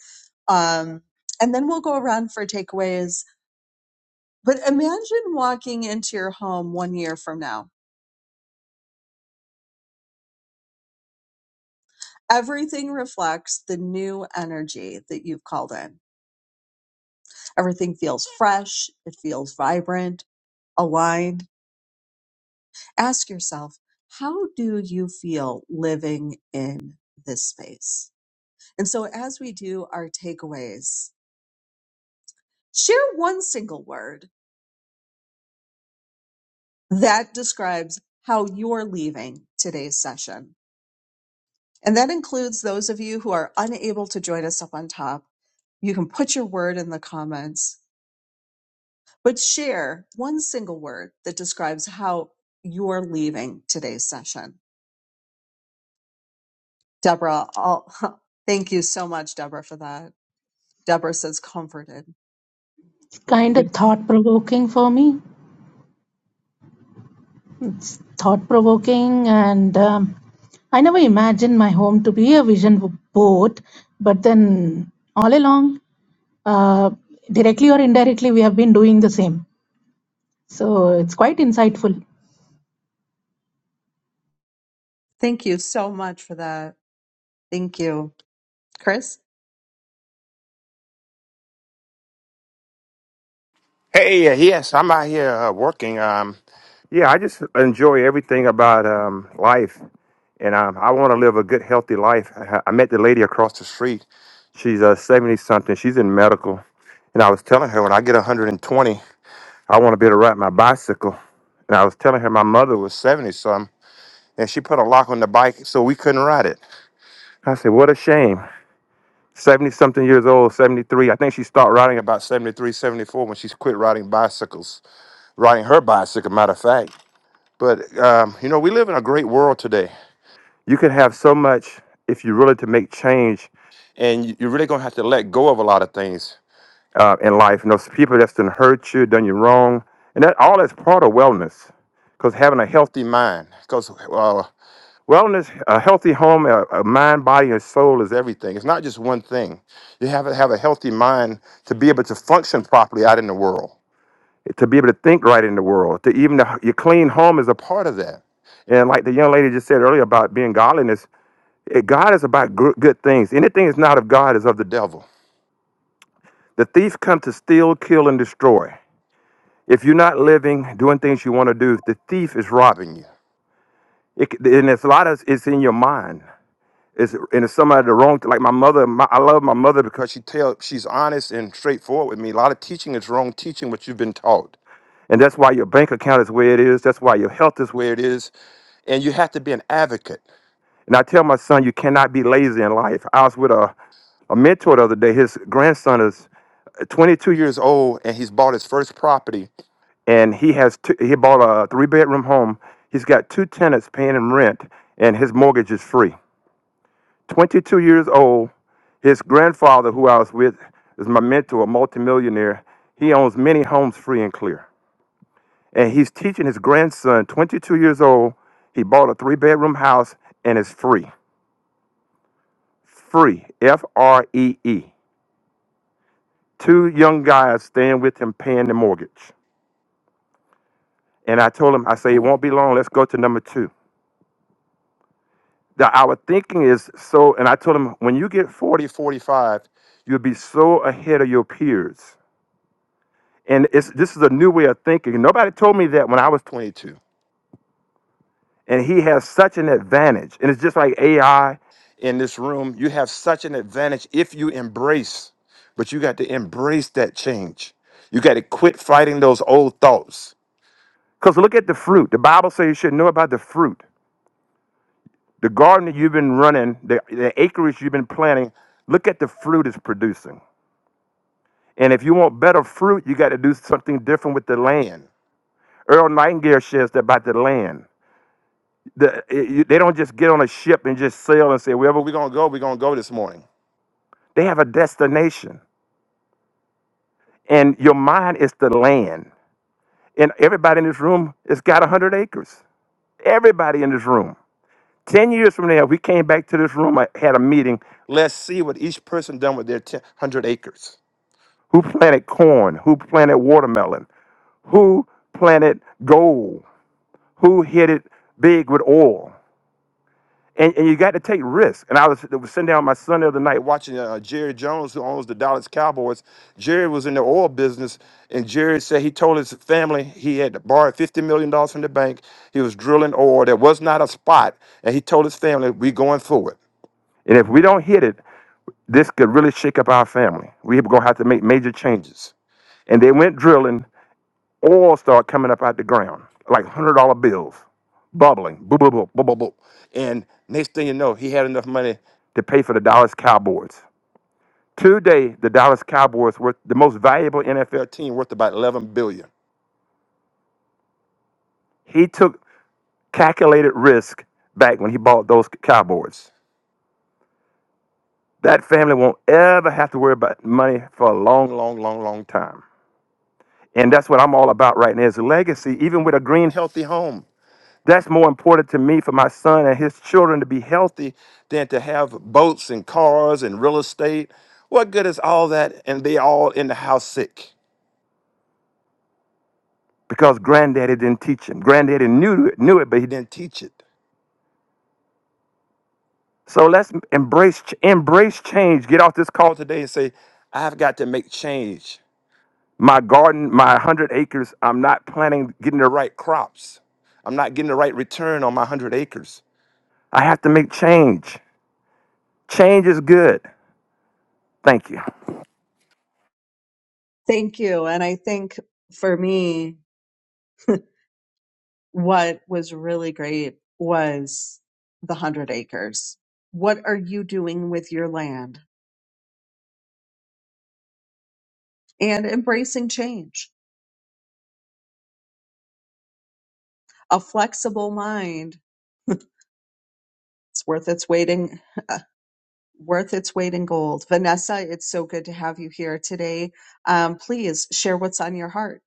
S1: Um, and then we'll go around for takeaways. But imagine walking into your home one year from now Everything reflects the new energy that you've called in. Everything feels fresh, it feels vibrant, aligned. Ask yourself, how do you feel living in this space? And so, as we do our takeaways, share one single word that describes how you're leaving today's session. And that includes those of you who are unable to join us up on top. You can put your word in the comments but share one single word that describes how you're leaving today's session. Deborah, I'll, thank you so much, Deborah, for that. Deborah says comforted.
S4: Kind
S1: Thank
S4: of thought provoking for me. Thought provoking, and um, I never imagined my home to be a vision board, but then all along. uh, directly or indirectly we have been doing the same so it's quite insightful
S1: thank you so much for that. Thank you. Chris?
S6: Hey, uh, yes, I'm out here uh, working. Um, yeah, I just enjoy everything about um, life, and um, I want to live a good, healthy life. I, I met the lady across the street. She's uh, 70 something. She's in medical, and I was telling her when I get 120, I want to be able to ride my bicycle. And I was telling her my mother was 70 something, and she put a lock on the bike so we couldn't ride it. I said, What a shame. 70 something years old, 73. I think she started riding about 73, 74 when she quit riding bicycles riding her bicycle, matter of fact. But um, you know, we live in a great world today. You can have so much if you really to make change, and you- you're really gonna have to let go of a lot of things uh, in life. And those people that's done hurt you, done you wrong, and that all is part of wellness. Because having a healthy mind, because uh, wellness, a healthy home, a, a mind, body, and soul is everything. It's not just one thing. You have to have a healthy mind to be able to function properly out in the world to be able to think right in the world, to even the, your clean home is a part of that. And like the young lady just said earlier about being godliness, eh, God is about good, good things. Anything that's not of God is of the devil. The thief comes to steal, kill, and destroy. If you're not living, doing things you want to do, the thief is robbing you. It, c- and it's a lot of it's in your mind. It's and it's some of the wrong. Like my mother, my, I love my mother because she tell she's honest and straightforward with me. A lot of teaching is wrong teaching what you've been taught. And that's why your bank account is where it is. That's why your health is where it is. And you have to be an advocate. And I tell my son, you cannot be lazy in life. I was with a, a mentor the other day. His grandson is 22 years old and he's bought his first property. And he has two, he bought a three bedroom home. He's got two tenants paying him rent and his mortgage is free. 22 years old. His grandfather, who I was with, is my mentor, a multimillionaire. He owns many homes free and clear. and he's teaching his grandson, 22 years old. He bought a three bedroom house and it's free. Free. F R E E. Two young guys staying with him paying the mortgage. And I told him, I say, it won't be long. Let's go to number two. The, our thinking is so, and I told him, when you get 40, 45, you'll be so ahead of your peers. And it's, this is a new way of thinking. Nobody told me that when I was 22. and he has such an advantage and it's just like ai in this room you have such an advantage if you embrace but you got to embrace that change you got to quit fighting those old thoughts because look at the fruit the bible says you should know about the fruit the garden that you've been running the, the acreage you've been planting look at the fruit it's producing and if you want better fruit you got to do something different with the land earl nightingale says that about the land The, it- you- they don't just get on a ship and just sail and say, wherever we're going to go, we're going to go this morning. They have a destination. And your mind is the land. And everybody in this room has got 100 acres. Everybody in this room. 10 years from now, we came back to this room, I had a meeting. Let's see what each person done with their 10 100 acres. Who planted corn? Who planted watermelon? Who planted gold? Who hit it big with oil? and, and you got to take risks. And I was, was sitting down with my son the other night watching uh, Jerry Jones, who owns the Dallas Cowboys. Jerry was in the oil business, and Jerry said he told his family he had to borrow fifty million dollars from the bank. He was drilling oil. There was not a spot, and he told his family, "We going for it. And if we don't hit it, this could really shake up our family. We're gonna have to make major changes." And they went drilling. Oil started coming up out the ground, like hundred dollar bills, bubbling, boo boo boo boo boo boo. And next thing you know, he had enough money to pay for the Dallas Cowboys. Today, the Dallas Cowboys were the most valuable NFL team, worth about eleven billion. He took calculated risk back when he bought those Cowboys. That family won't ever have to worry about money for a long, long, long, long time. And that's what I'm all about right now is legacy, even with a green, healthy home. That's more important to me for my son and his children to be healthy than to have boats and cars and real estate. What good is all that and they all in the house sick? Because granddaddy didn't teach him. Granddaddy knew it, knew it, but he didn't teach it. So let's embrace ch- embrace change. Get off this call today and say, I've got to make change. My garden, my 100 acres, I'm not planting getting the right crops. I'm not getting the right return on my 100 acres. I have to make change. Change is good. Thank you.
S1: Thank you. And I think for me, what was really great was the 100 acres. What are you doing with your land? And embracing change. A flexible mind it's worth its weight in worth its weight in gold. Vanessa, it's so good to have you here today. Um, please share what's on your heart.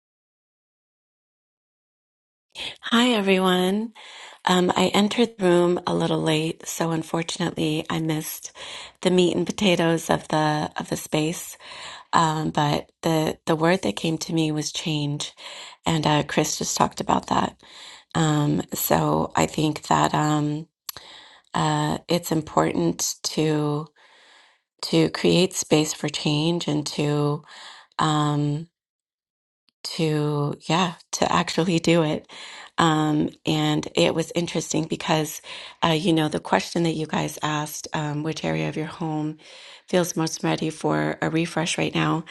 S8: Hi, everyone. Um, I entered the room a little late, so unfortunately, I missed the meat and potatoes of the of the space. Um, but the the word that came to me was change, and uh, Chris just talked about that. Um, so I think that um, uh, it's important to to create space for change and to um, to yeah to actually do it um and it was interesting because uh you know the question that you guys asked um which area of your home feels most ready for a refresh right now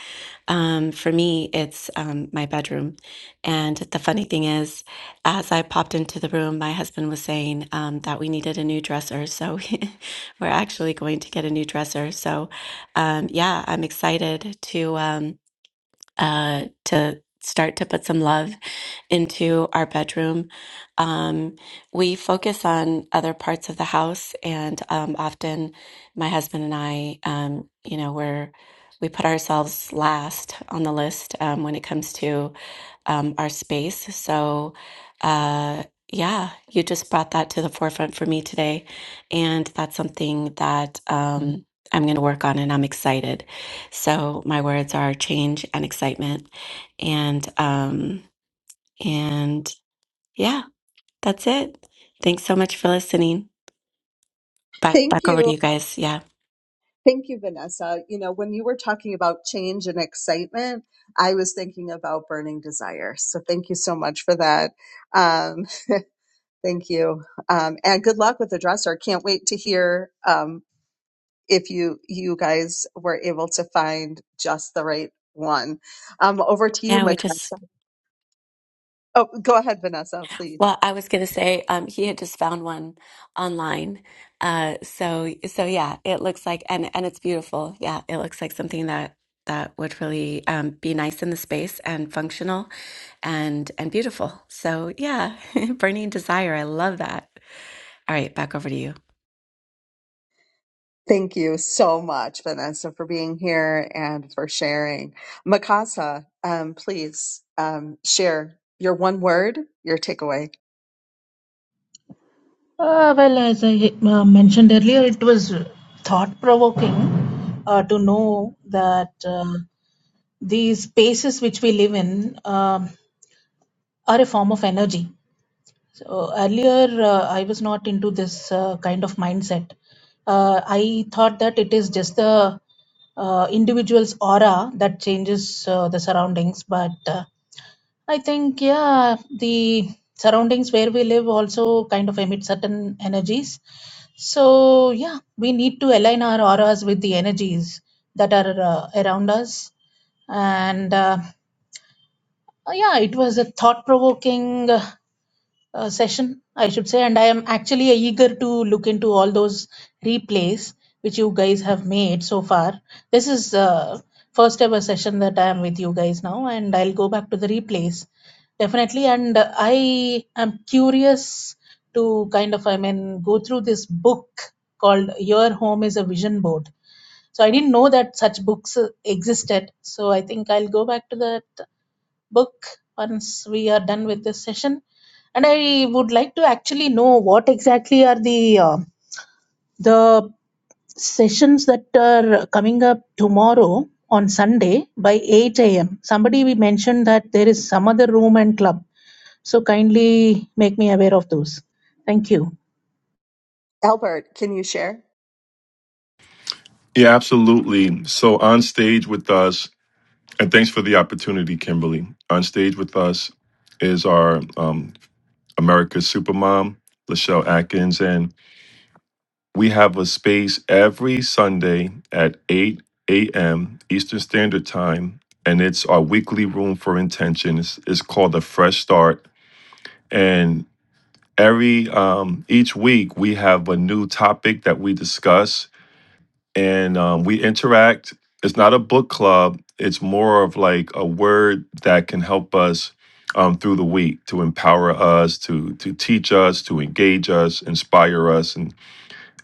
S8: um for me it's um my bedroom and the funny thing is as i popped into the room my husband was saying um that we needed a new dresser so we're actually going to get a new dresser so um yeah i'm excited to um uh, to start to put some love into our bedroom. Um, we focus on other parts of the house, and um, often my husband and I, um, you know, we're we put ourselves last on the list um, when it comes to um, our space. So, uh, yeah, you just brought that to the forefront for me today. And that's something that um, I'm going to work on, and I'm excited. So, my words are change and excitement. And, um, and yeah, that's it. Thanks so much for listening. Back,
S1: Thank
S8: back over to
S1: you.
S8: you guys. Yeah.
S1: Thank you, Vanessa. You know, when you were talking about change and excitement, I was thinking about burning desire. So thank you so much for that. Um, thank you. Um, and good luck with the dresser. Can't wait to hear. um, if you you guys were able to find just the right one. Um, over to you,
S8: Yeah, we just
S1: Makasa. Oh, go ahead, Vanessa, please.
S8: Well, I was going to say um, he had just found one online, uh, so so yeah, it looks like and and it's beautiful. Yeah, it looks like something that that would really um, be nice in the space and functional, and and beautiful. So yeah, burning desire. I love that. All right, back over to you.
S1: Thank you so much, Vanessa, for being here and for sharing. Mikasa, um, please um, share your one word, your takeaway.
S4: Uh, well, as I uh, mentioned earlier, it was thought provoking uh, to know that um, these spaces which we live in um, are a form of energy. So earlier, uh, I was not into this uh, kind of mindset. Uh, I thought that it is just the uh, individual's aura that changes uh, the surroundings, but uh, I think, yeah, the surroundings where we live also kind of emit certain energies. So, yeah, we need to align our auras with the energies that are uh, around us. And uh, yeah, it was a thought provoking uh, session, I should say, and I am actually eager to look into all those replays which you guys have made so far. This is uh, first ever session that I am with you guys now, and I'll go back to the replays definitely. And uh, I am curious to kind of, I mean, go through this book called "Your Home Is a Vision Board." So I didn't know that such books uh, existed. So I think I'll go back to that book once we are done with this session. And I would like to actually know what exactly are the uh, the sessions that are coming up tomorrow on Sunday by 8 a.m. Somebody we mentioned that there is some other room and club. So kindly make me aware of those. Thank you.
S1: Albert, can you share?
S2: Yeah, absolutely. So on stage with us And thanks for the opportunity, Kimberly. On stage with us is our um, America's Supermom, Lachelle Atkins, and we have a space every Sunday at 8 a.m. Eastern Standard Time, and it's our weekly room for intentions. It's it's called a Fresh Start, and every um, each week we have a new topic that we discuss and um, we interact. It's not a book club. It's more of like a word that can help us um, through the week to empower us, to to teach us, to engage us, inspire us, and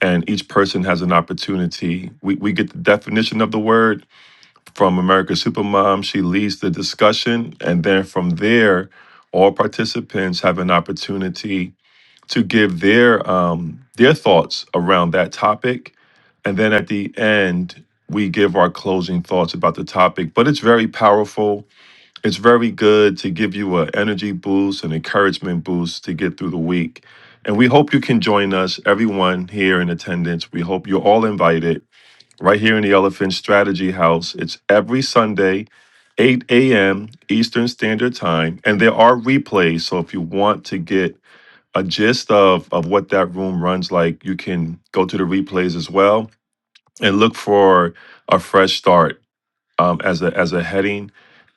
S2: and each person has an opportunity. We we get the definition of the word from America Supermom. She leads the discussion, and then from there, all participants have an opportunity to give their um, their thoughts around that topic, and then at the end we give our closing thoughts about the topic. But it's very powerful. It's very good to give you an energy boost and encouragement boost to get through the week. And we hope you can join us, everyone here in attendance. We hope you're all invited right here in the Elephant Strategy House. It's every Sunday, 8 a.m. Eastern Standard Time. And there are replays. So if you want to get a gist of of what that room runs like, you can go to the replays as well and look for a fresh start um, as a as a heading,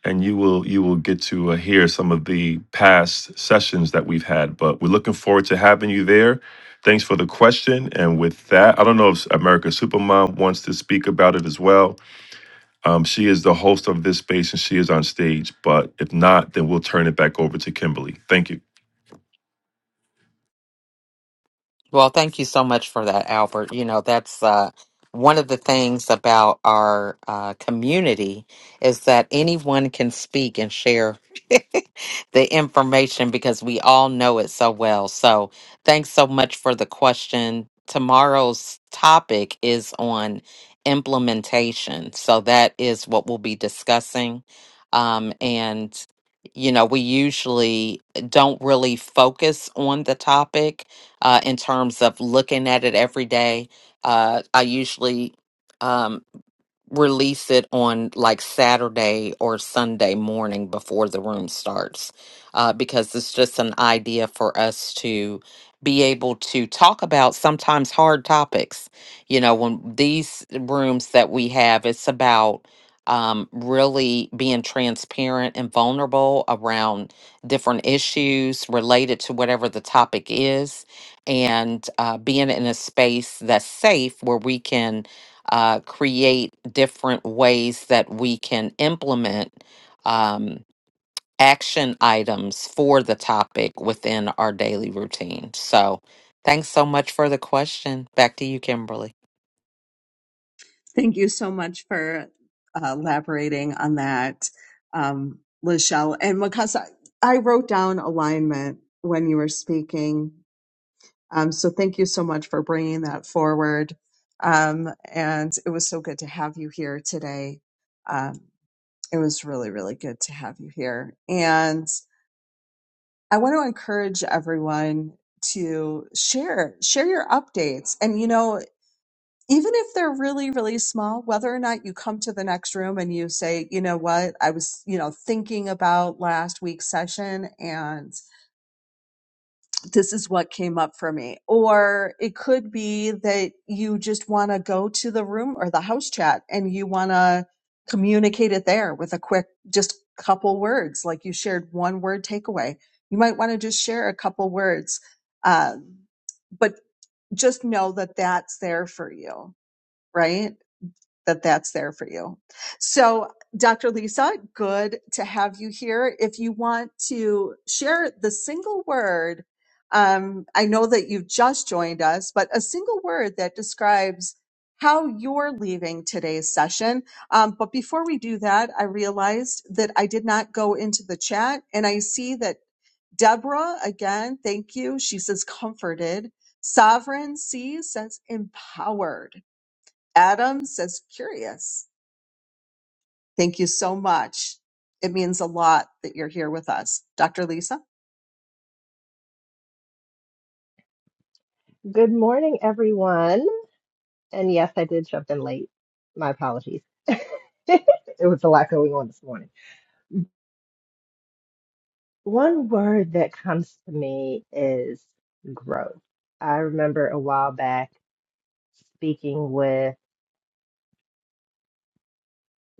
S2: and you will you will get to uh, hear some of the past sessions that we've had. But we're looking forward to having you there. Thanks for the question. And with that, I don't know if America Supermom wants to speak about it as well. Um, she is the host of this space and she is on stage. But if not, then we'll turn it back over to Kimberly. Thank you.
S7: Well, thank you so much for that, Albert. You know, that's uh, one of the things about our uh, community is that anyone can speak and share the information because we all know it so well. So, thanks so much for the question. Tomorrow's topic is on implementation. So, that is what we'll be discussing. Um, and, you know, we usually don't really focus on the topic uh, in terms of looking at it every day. Uh, I usually. um, release it on like Saturday or Sunday morning before the room starts, uh, because it's just an idea for us to be able to talk about sometimes hard topics. You know, when these rooms that we have, it's about um, really being transparent and vulnerable around different issues related to whatever the topic is, and uh, being in a space that's safe where we can uh, create different ways that we can implement um, action items for the topic within our daily routine. So, thanks so much for the question. Back to you, Kimberly.
S1: Thank you so much for uh, elaborating on that, um, Lachelle. And Mikasa, I wrote down alignment when you were speaking Um, so thank you so much for bringing that forward. Um, and it was so good to have you here today. Um, it was really, really good to have you here. And I want to encourage everyone to share, share your updates. And, you know, even if they're really, really small, whether or not you come to the next room and you say, you know what, I was, you know, thinking about last week's session and. this is what came up for me. Or it could be that you just want to go to the room or the house chat and you want to communicate it there with a quick, just couple words. Like you shared one word takeaway. You might want to just share a couple words. Um, but just know that that's there for you, right? that that's there for you. So, Dr. Lisa, good to have you here. If you want to share the single word, um, I know that you've just joined us, but a single word that describes how you're leaving today's session. Um, but before we do that, I realized that I did not go into the chat, and I see that Deborah, again, thank you. She says comforted. Sovereign C says empowered. Adam says curious. Thank you so much. It means a lot that you're here with us. Dr. Lisa?
S9: Good morning, everyone. And yes, I did jump in late. My apologies. it was a lot going on this morning. One word that comes to me is growth. I remember a while back speaking with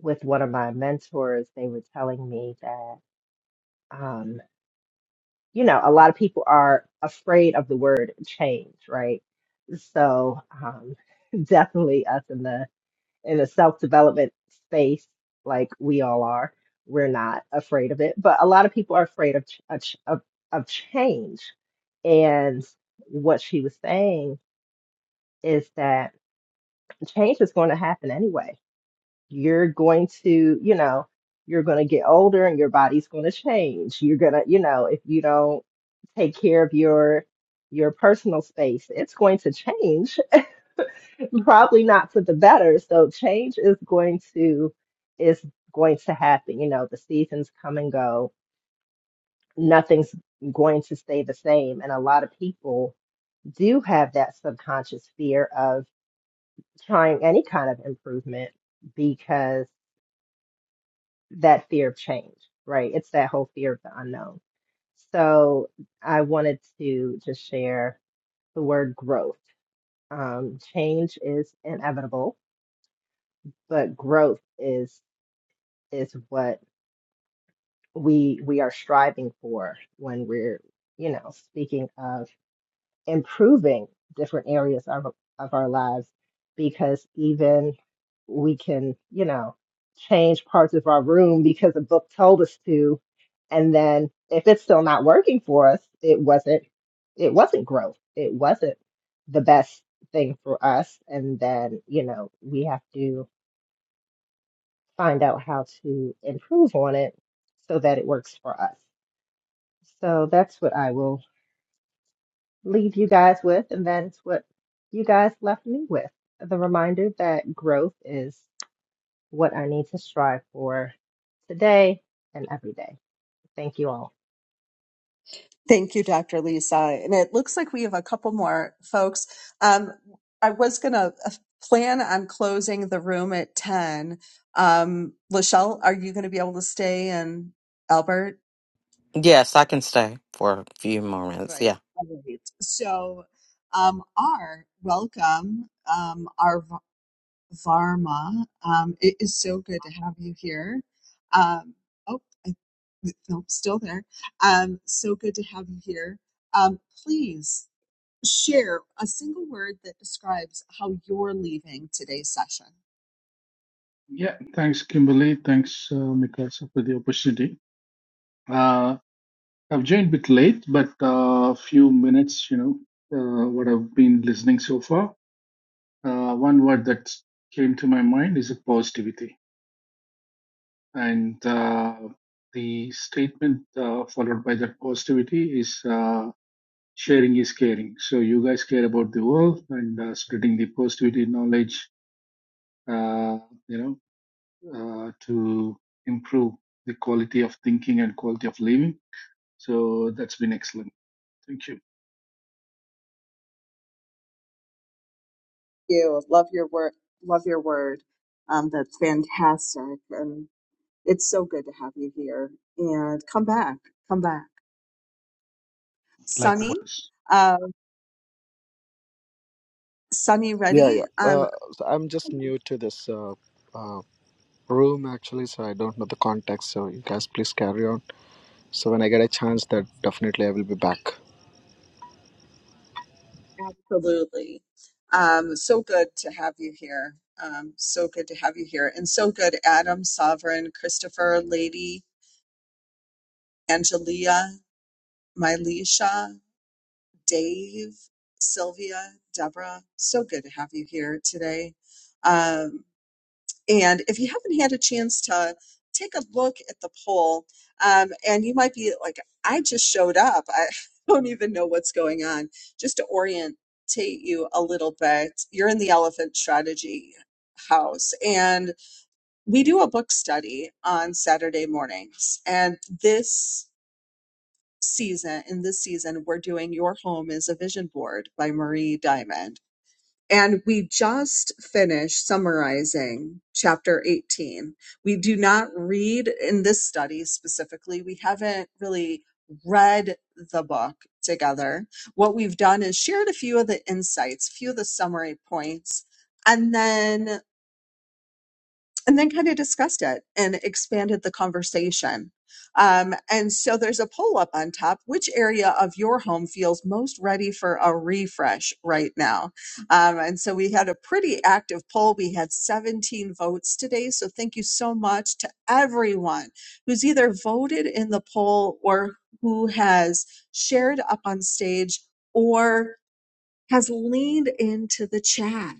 S9: with one of my mentors. They were telling me that, um, you know, a lot of people are afraid of the word change, right? So, um, definitely us in the in a self-development space like we all are we're not afraid of it but a lot of people are afraid of ch- of, ch- of of change and what she was saying is that change is going to happen anyway you're going to you know you're going to get older and your body's going to change you're going to you know if you don't take care of your your personal space it's going to change probably not for the better. So change is going to is going to happen. You know, the seasons come and go. Nothing's going to stay the same. And a lot of people do have that subconscious fear of trying any kind of improvement because that fear of change, right? It's that whole fear of the unknown. So I wanted to just share the word growth. Um, change is inevitable, but growth is is what we we are striving for when we're you know speaking of improving different areas of of our lives because even we can you know change parts of our room because a book told us to and then if it's still not working for us it wasn't it wasn't growth it wasn't the best thing for us and then you know we have to find out how to improve on it so that it works for us so that's what I will leave you guys with. And that's what you guys left me with the reminder that growth is what I need to strive for today and every day. Thank you all.
S1: Thank you, Dr. Lisa. And it looks like we have a couple more folks. Um, I was going to plan on closing the room at 10. Um, Lachelle, are you going to be able to stay? And Albert?
S7: Yes, I can stay for a few moments. Yeah.
S1: Right. Right. So, um, R, welcome. Um, R Va- Varma, um, it is so good to have you here. Um, oh, I, no, still there. Um, so good to have you here. Um, please share a single word that describes how you're leaving today's session.
S10: Yeah, thanks, Kimberly. Thanks, uh, Mikasa, for the opportunity. Uh, I've joined a bit late, but a uh, few minutes, you know, uh, what I've been listening so far. Uh, one word that came to my mind is positivity. And uh, the statement uh, followed by that positivity is uh, sharing is caring. So you guys care about the world and uh, spreading the positivity knowledge, uh, you know. uh, to improve the quality of thinking and quality of living. So that's been excellent. Thank you.
S1: You love your word. Love your word. Um, that's fantastic, and it's so good to have you here. And come back. Come back. Sunny,
S10: Likewise.
S1: uh, Sunny
S11: Yeah,
S1: Reddy.
S11: yeah.
S1: Um,
S11: Uh, so I'm just new to this uh, uh, room actually, so I don't know the context. So you guys please carry on. So when I get a chance, that definitely I will be back.
S1: absolutely. Um, so good to have you here. Um, so good to have you here. And so good, Adam, Sovereign, Christopher, Lady, Angelia, Mylisha. Dave, Sylvia, Deborah. So good to have you here today. Um, and if you haven't had a chance to take a look at the poll, um, and you might be like, I just showed up. I don't even know what's going on. Just to orientate you a little bit, you're in the Elephant Strategy House, and we do a book study on Saturday mornings. And this season, in this season, we're doing Your Home is a Vision Board by Marie Diamond. And we just finished summarizing chapter 18. We do not read in this study specifically, we haven't really read the book together. What we've done is shared a few of the insights, a few of the summary points, and then and then kind of discussed it and expanded the conversation. Um, and so there's a poll up on top. Which area of your home feels most ready for a refresh right now? Um, and so we had a pretty active poll. We had 17 votes today. So thank you so much to everyone who's either voted in the poll or who has shared up on stage or has leaned into the chat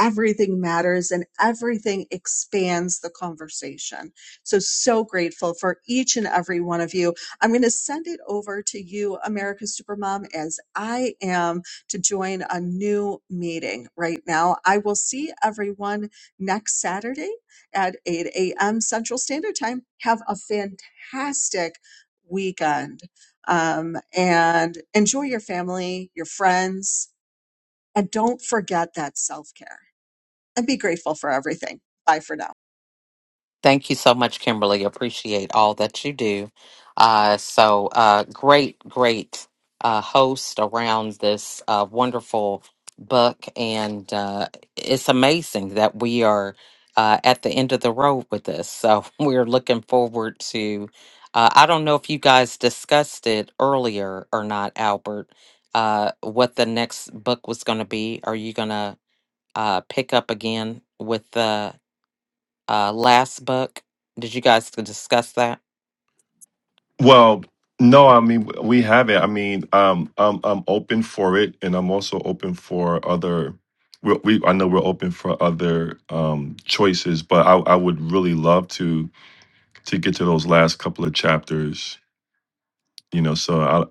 S1: everything matters and everything expands the conversation. So, so grateful for each and every one of you. I'm going to send it over to you, America Supermom, as I am to join a new meeting right now. I will see everyone next Saturday at 8 a.m. Central Standard Time. Have a fantastic weekend um, and enjoy your family, your friends, and don't forget that self care and be grateful for everything. Bye for now.
S7: Thank you so much, Kimberly. Appreciate all that you do. Uh, so, uh, great, great uh, host around this uh, wonderful book. And uh, it's amazing that we are uh, at the end of the road with this. So, we're looking forward to. Uh, I don't know if you guys discussed it earlier or not, Albert, uh, what the next book was going to be. Are you going to uh, pick up again with the uh, last book. Did you guys discuss that?
S2: Well, no, I mean w- we have it. I mean, um, I'm I'm open for it, and I'm also open for other. We, we I know we're open for other um, choices, but I, I would really love to to get to those last couple of chapters. You know, so I,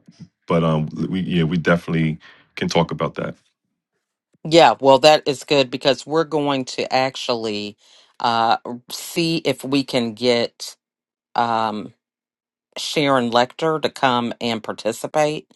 S2: but um, we yeah, we definitely can talk about that.
S7: Yeah, well, that is good because we're going to actually uh, see if we can get. Um, Sharon Lecter to come and participate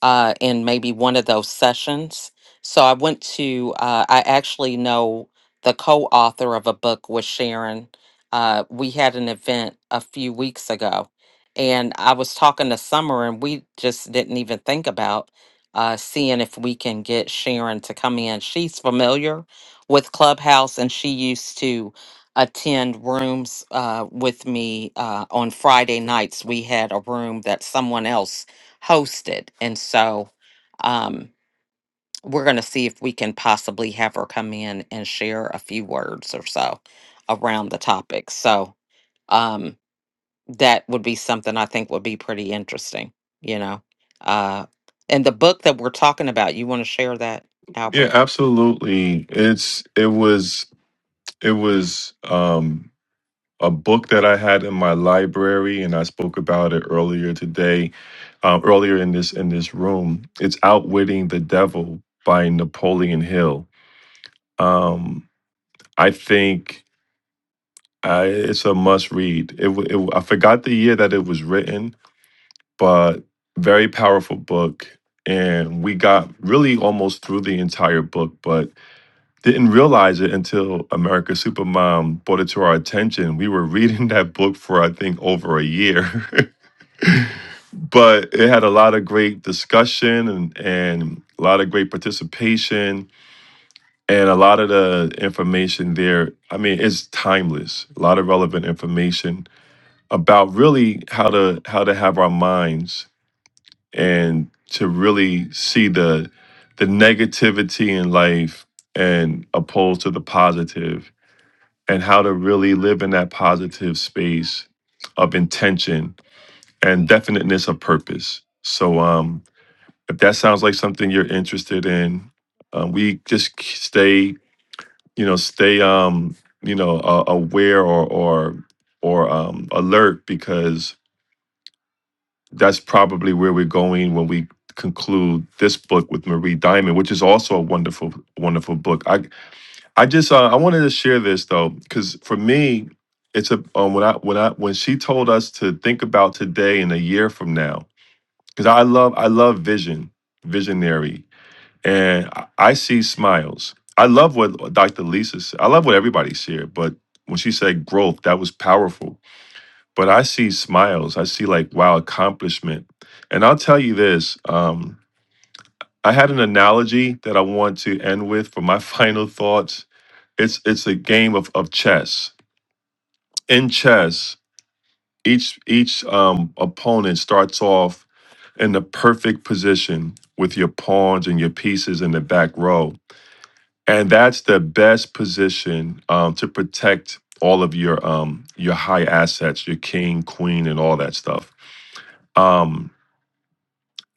S7: uh, in maybe one of those sessions. So I went to, uh, I actually know the co author of a book with Sharon. Uh, we had an event a few weeks ago, and I was talking to Summer, and we just didn't even think about uh, seeing if we can get Sharon to come in. She's familiar with Clubhouse, and she used to attend rooms uh, with me uh, on Friday nights. We had a room that someone else hosted. And so um, we're going to see if we can possibly have her come in and share a few words or so around the topic. So um, that would be something I think would be pretty interesting, you know. Uh, and the book that we're talking about, you want to share that,
S2: Yeah,
S7: Albert?
S2: absolutely. It's it was it was um a book that I had in my library and I spoke about it earlier today, um, earlier in this in this room. It's Outwitting the Devil by Napoleon Hill. Um I think I, it's a must read. It, wa- it wa- I forgot the year that it was written, but very powerful book and we got really almost through the entire book, but didn't realize it until America Supermom brought it to our attention. We were reading that book for I think over a year, but it had a lot of great discussion and and a lot of great participation and a lot of the information there. I mean, it's timeless. A lot of relevant information about really how to how to have our minds and to really see the the negativity in life and opposed to the positive and how to really live in that positive space of intention and definiteness of purpose. So, um, if that sounds like something you're interested in, uh, we just k- stay, you know, stay, um, you know, uh, aware or or or um, alert because that's probably where we're going when we conclude this book with Marie Diamond, which is also a wonderful, wonderful book. I. I just uh, I wanted to share this though, because for me, it's a um, when I when I when she told us to think about today and a year from now, because I love I love vision, visionary, and I, I see smiles. I love what Dr. Lisa said. I love what everybody shared, but when she said growth, that was powerful. But I see smiles. I see like wow accomplishment, and I'll tell you this. Um, I had an analogy that I want to end with for my final thoughts it's it's a game of, of chess. In chess, each each um, opponent starts off in the perfect position with your pawns and your pieces in the back row, and that's the best position um, to protect all of your um, your high assets, your king, queen, and all that stuff. Um,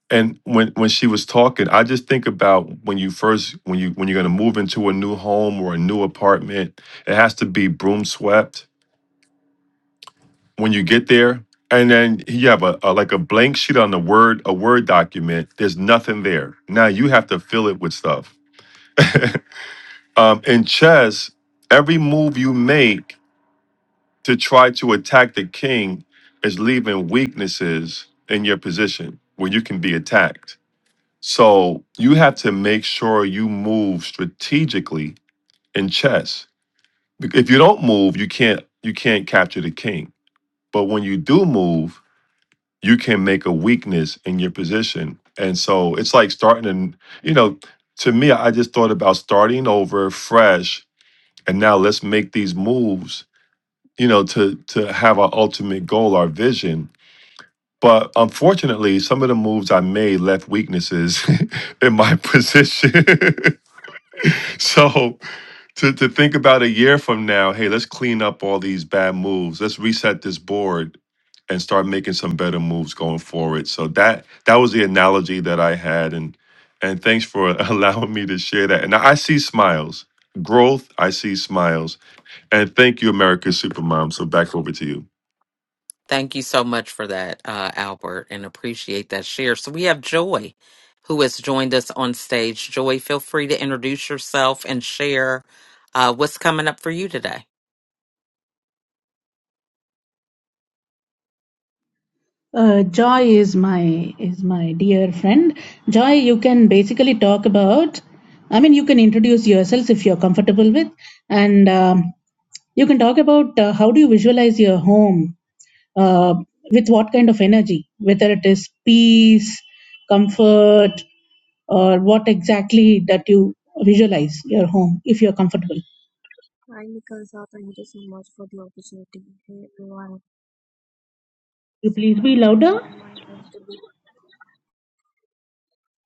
S2: and when when she was talking, I just think about when you first when you when you're going to move into a new home or a new apartment, it has to be broom swept when you get there and then you have a, a like a blank sheet on the word a word document there's nothing there now you have to fill it with stuff um in chess every move you make to try to attack the king is leaving weaknesses in your position where you can be attacked so you have to make sure you move strategically in chess Bec- if you don't move you can't you can't capture the king but when you do move you can make a weakness in your position. And so it's like starting and you know, to me, I just thought about starting over fresh and now let's make these moves, you know, to to have our ultimate goal, our vision. But unfortunately, some of the moves I made left weaknesses in my position. so to to think about a year from now, hey, let's clean up all these bad moves. Let's reset this board and start making some better moves going forward. So that that was the analogy that I had and and thanks for allowing me to share that. And I see smiles. Growth, I see smiles. And thank you, America's Supermom. So back over to you.
S7: Thank you so much for that, uh, Albert, and appreciate that share. So we have Joy, who has joined us on stage. Joy, feel free to introduce yourself and share uh, what's coming up for you today.
S4: Uh, Joy is my is my dear friend. Joy, you can basically talk about. I mean, you can introduce yourself if you're comfortable with, and um, You can talk about uh, how do you visualize your home uh, with what kind of energy, whether it is peace, comfort, or what exactly that you visualize your home if you're comfortable.
S5: Hi, Mikasa. Thank you so much for the opportunity. Hey, everyone.
S4: You
S5: So
S4: please
S5: I
S4: be
S5: always
S4: louder.
S5: want my home to be.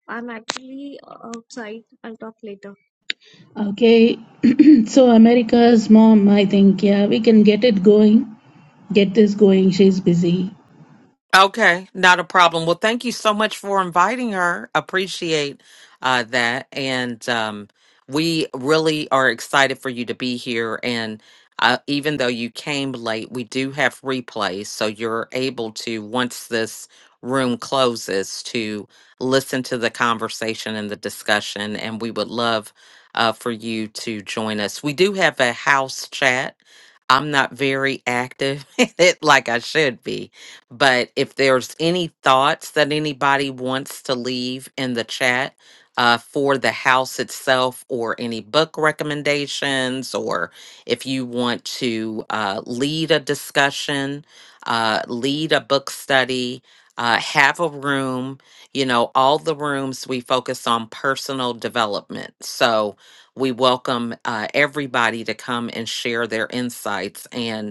S5: I'm actually uh, outside. I'll talk later.
S4: Okay, so America's mom, I think, yeah, we can get it going, get this going. She's busy.
S7: Okay, not a problem. Well, thank you so much for inviting her. Appreciate uh, that, and um, we really are excited for you to be here. And uh, even though you came late, we do have replays, so you're able to once this room closes to listen to the conversation and the discussion. And we would love uh, for you to join us. We do have a house chat. I'm not very active in it like I should be but if there's any thoughts that anybody wants to leave in the chat uh, for the house itself, or any book recommendations, or if you want to uh, lead a discussion, uh, lead a book study, uh, have a room, you know, all the rooms we focus on personal development. So we welcome uh, everybody to come and share their insights. And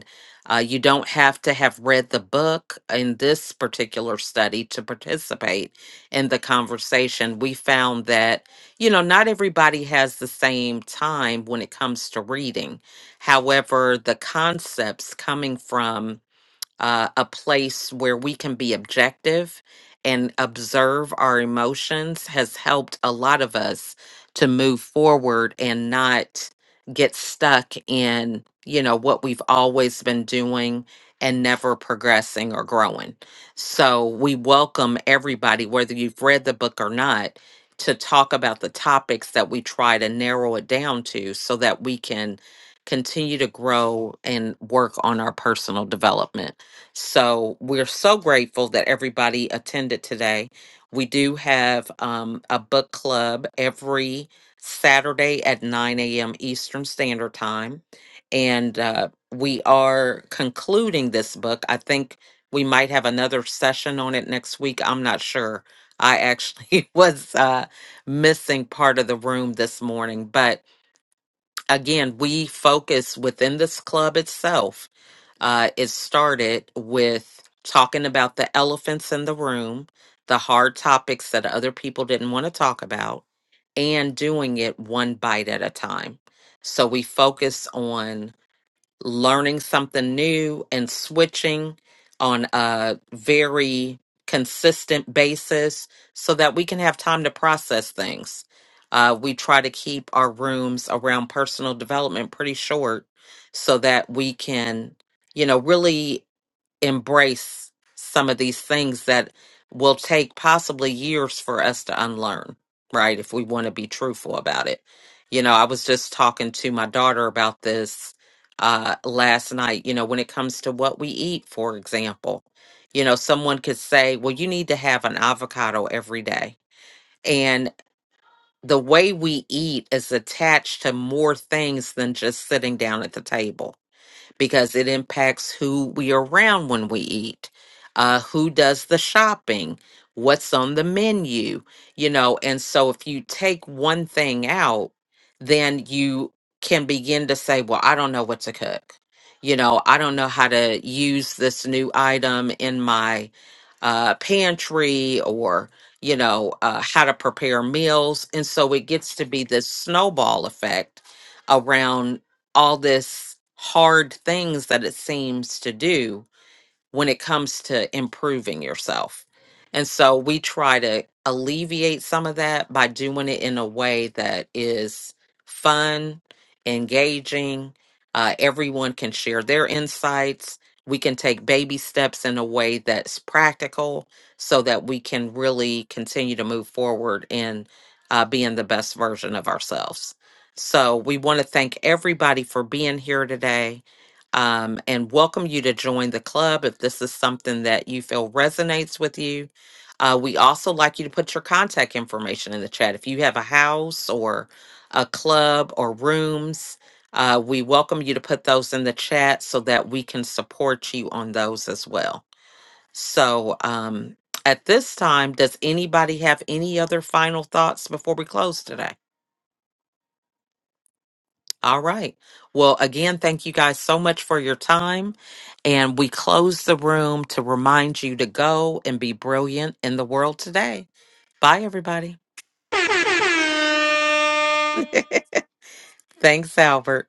S7: uh, you don't have to have read the book in this particular study to participate in the conversation. We found that, you know, not everybody has the same time when it comes to reading. However, the concepts coming from uh, a place where we can be objective and observe our emotions has helped a lot of us to move forward and not get stuck in you know what we've always been doing and never progressing or growing so we welcome everybody whether you've read the book or not to talk about the topics that we try to narrow it down to so that we can continue to grow and work on our personal development so we're so grateful that everybody attended today. We do have um, a book club every Saturday at 9 a.m. Eastern Standard Time. And uh, we are concluding this book. I think we might have another session on it next week. I'm not sure. I actually was uh, missing part of the room this morning. But again, we focus within this club itself uh, it started with talking about the elephants in the room, the hard topics that other people didn't want to talk about, and doing it one bite at a time. So we focus on learning something new and switching on a very consistent basis so that we can have time to process things. Uh, we try to keep our rooms around personal development pretty short so that we can, you know, really embrace some of these things that will take possibly years for us to unlearn, right? If we want to be truthful about it. You know, I was just talking to my daughter about this uh last night, you know, when it comes to what we eat, for example. You know, someone could say, "Well, you need to have an avocado every day." And the way we eat is attached to more things than just sitting down at the table because it impacts who we are around when we eat, uh, who does the shopping, what's on the menu, you know. And so if you take one thing out, then you can begin to say, well, I don't know what to cook. You know, I don't know how to use this new item in my uh, pantry or, you know, uh, how to prepare meals. And so it gets to be this snowball effect around all this hard things that it seems to do when it comes to improving yourself. And so we try to alleviate some of that by doing it in a way that is fun, engaging. Uh, everyone can share their insights. We can take baby steps in a way that's practical so that we can really continue to move forward in uh, being the best version of ourselves. So we want to thank everybody for being here today um, and welcome you to join the club if this is something that you feel resonates with you. Uh, we also like you to put your contact information in the chat. If you have a house or a club or rooms, uh, we welcome you to put those in the chat so that we can support you on those as well. So um, at this time, does anybody have any other final thoughts before we close today? All right. Well, again, thank you guys so much for your time. And we close the room to remind you to go and be brilliant in the world today. Bye, everybody. Thanks, Albert.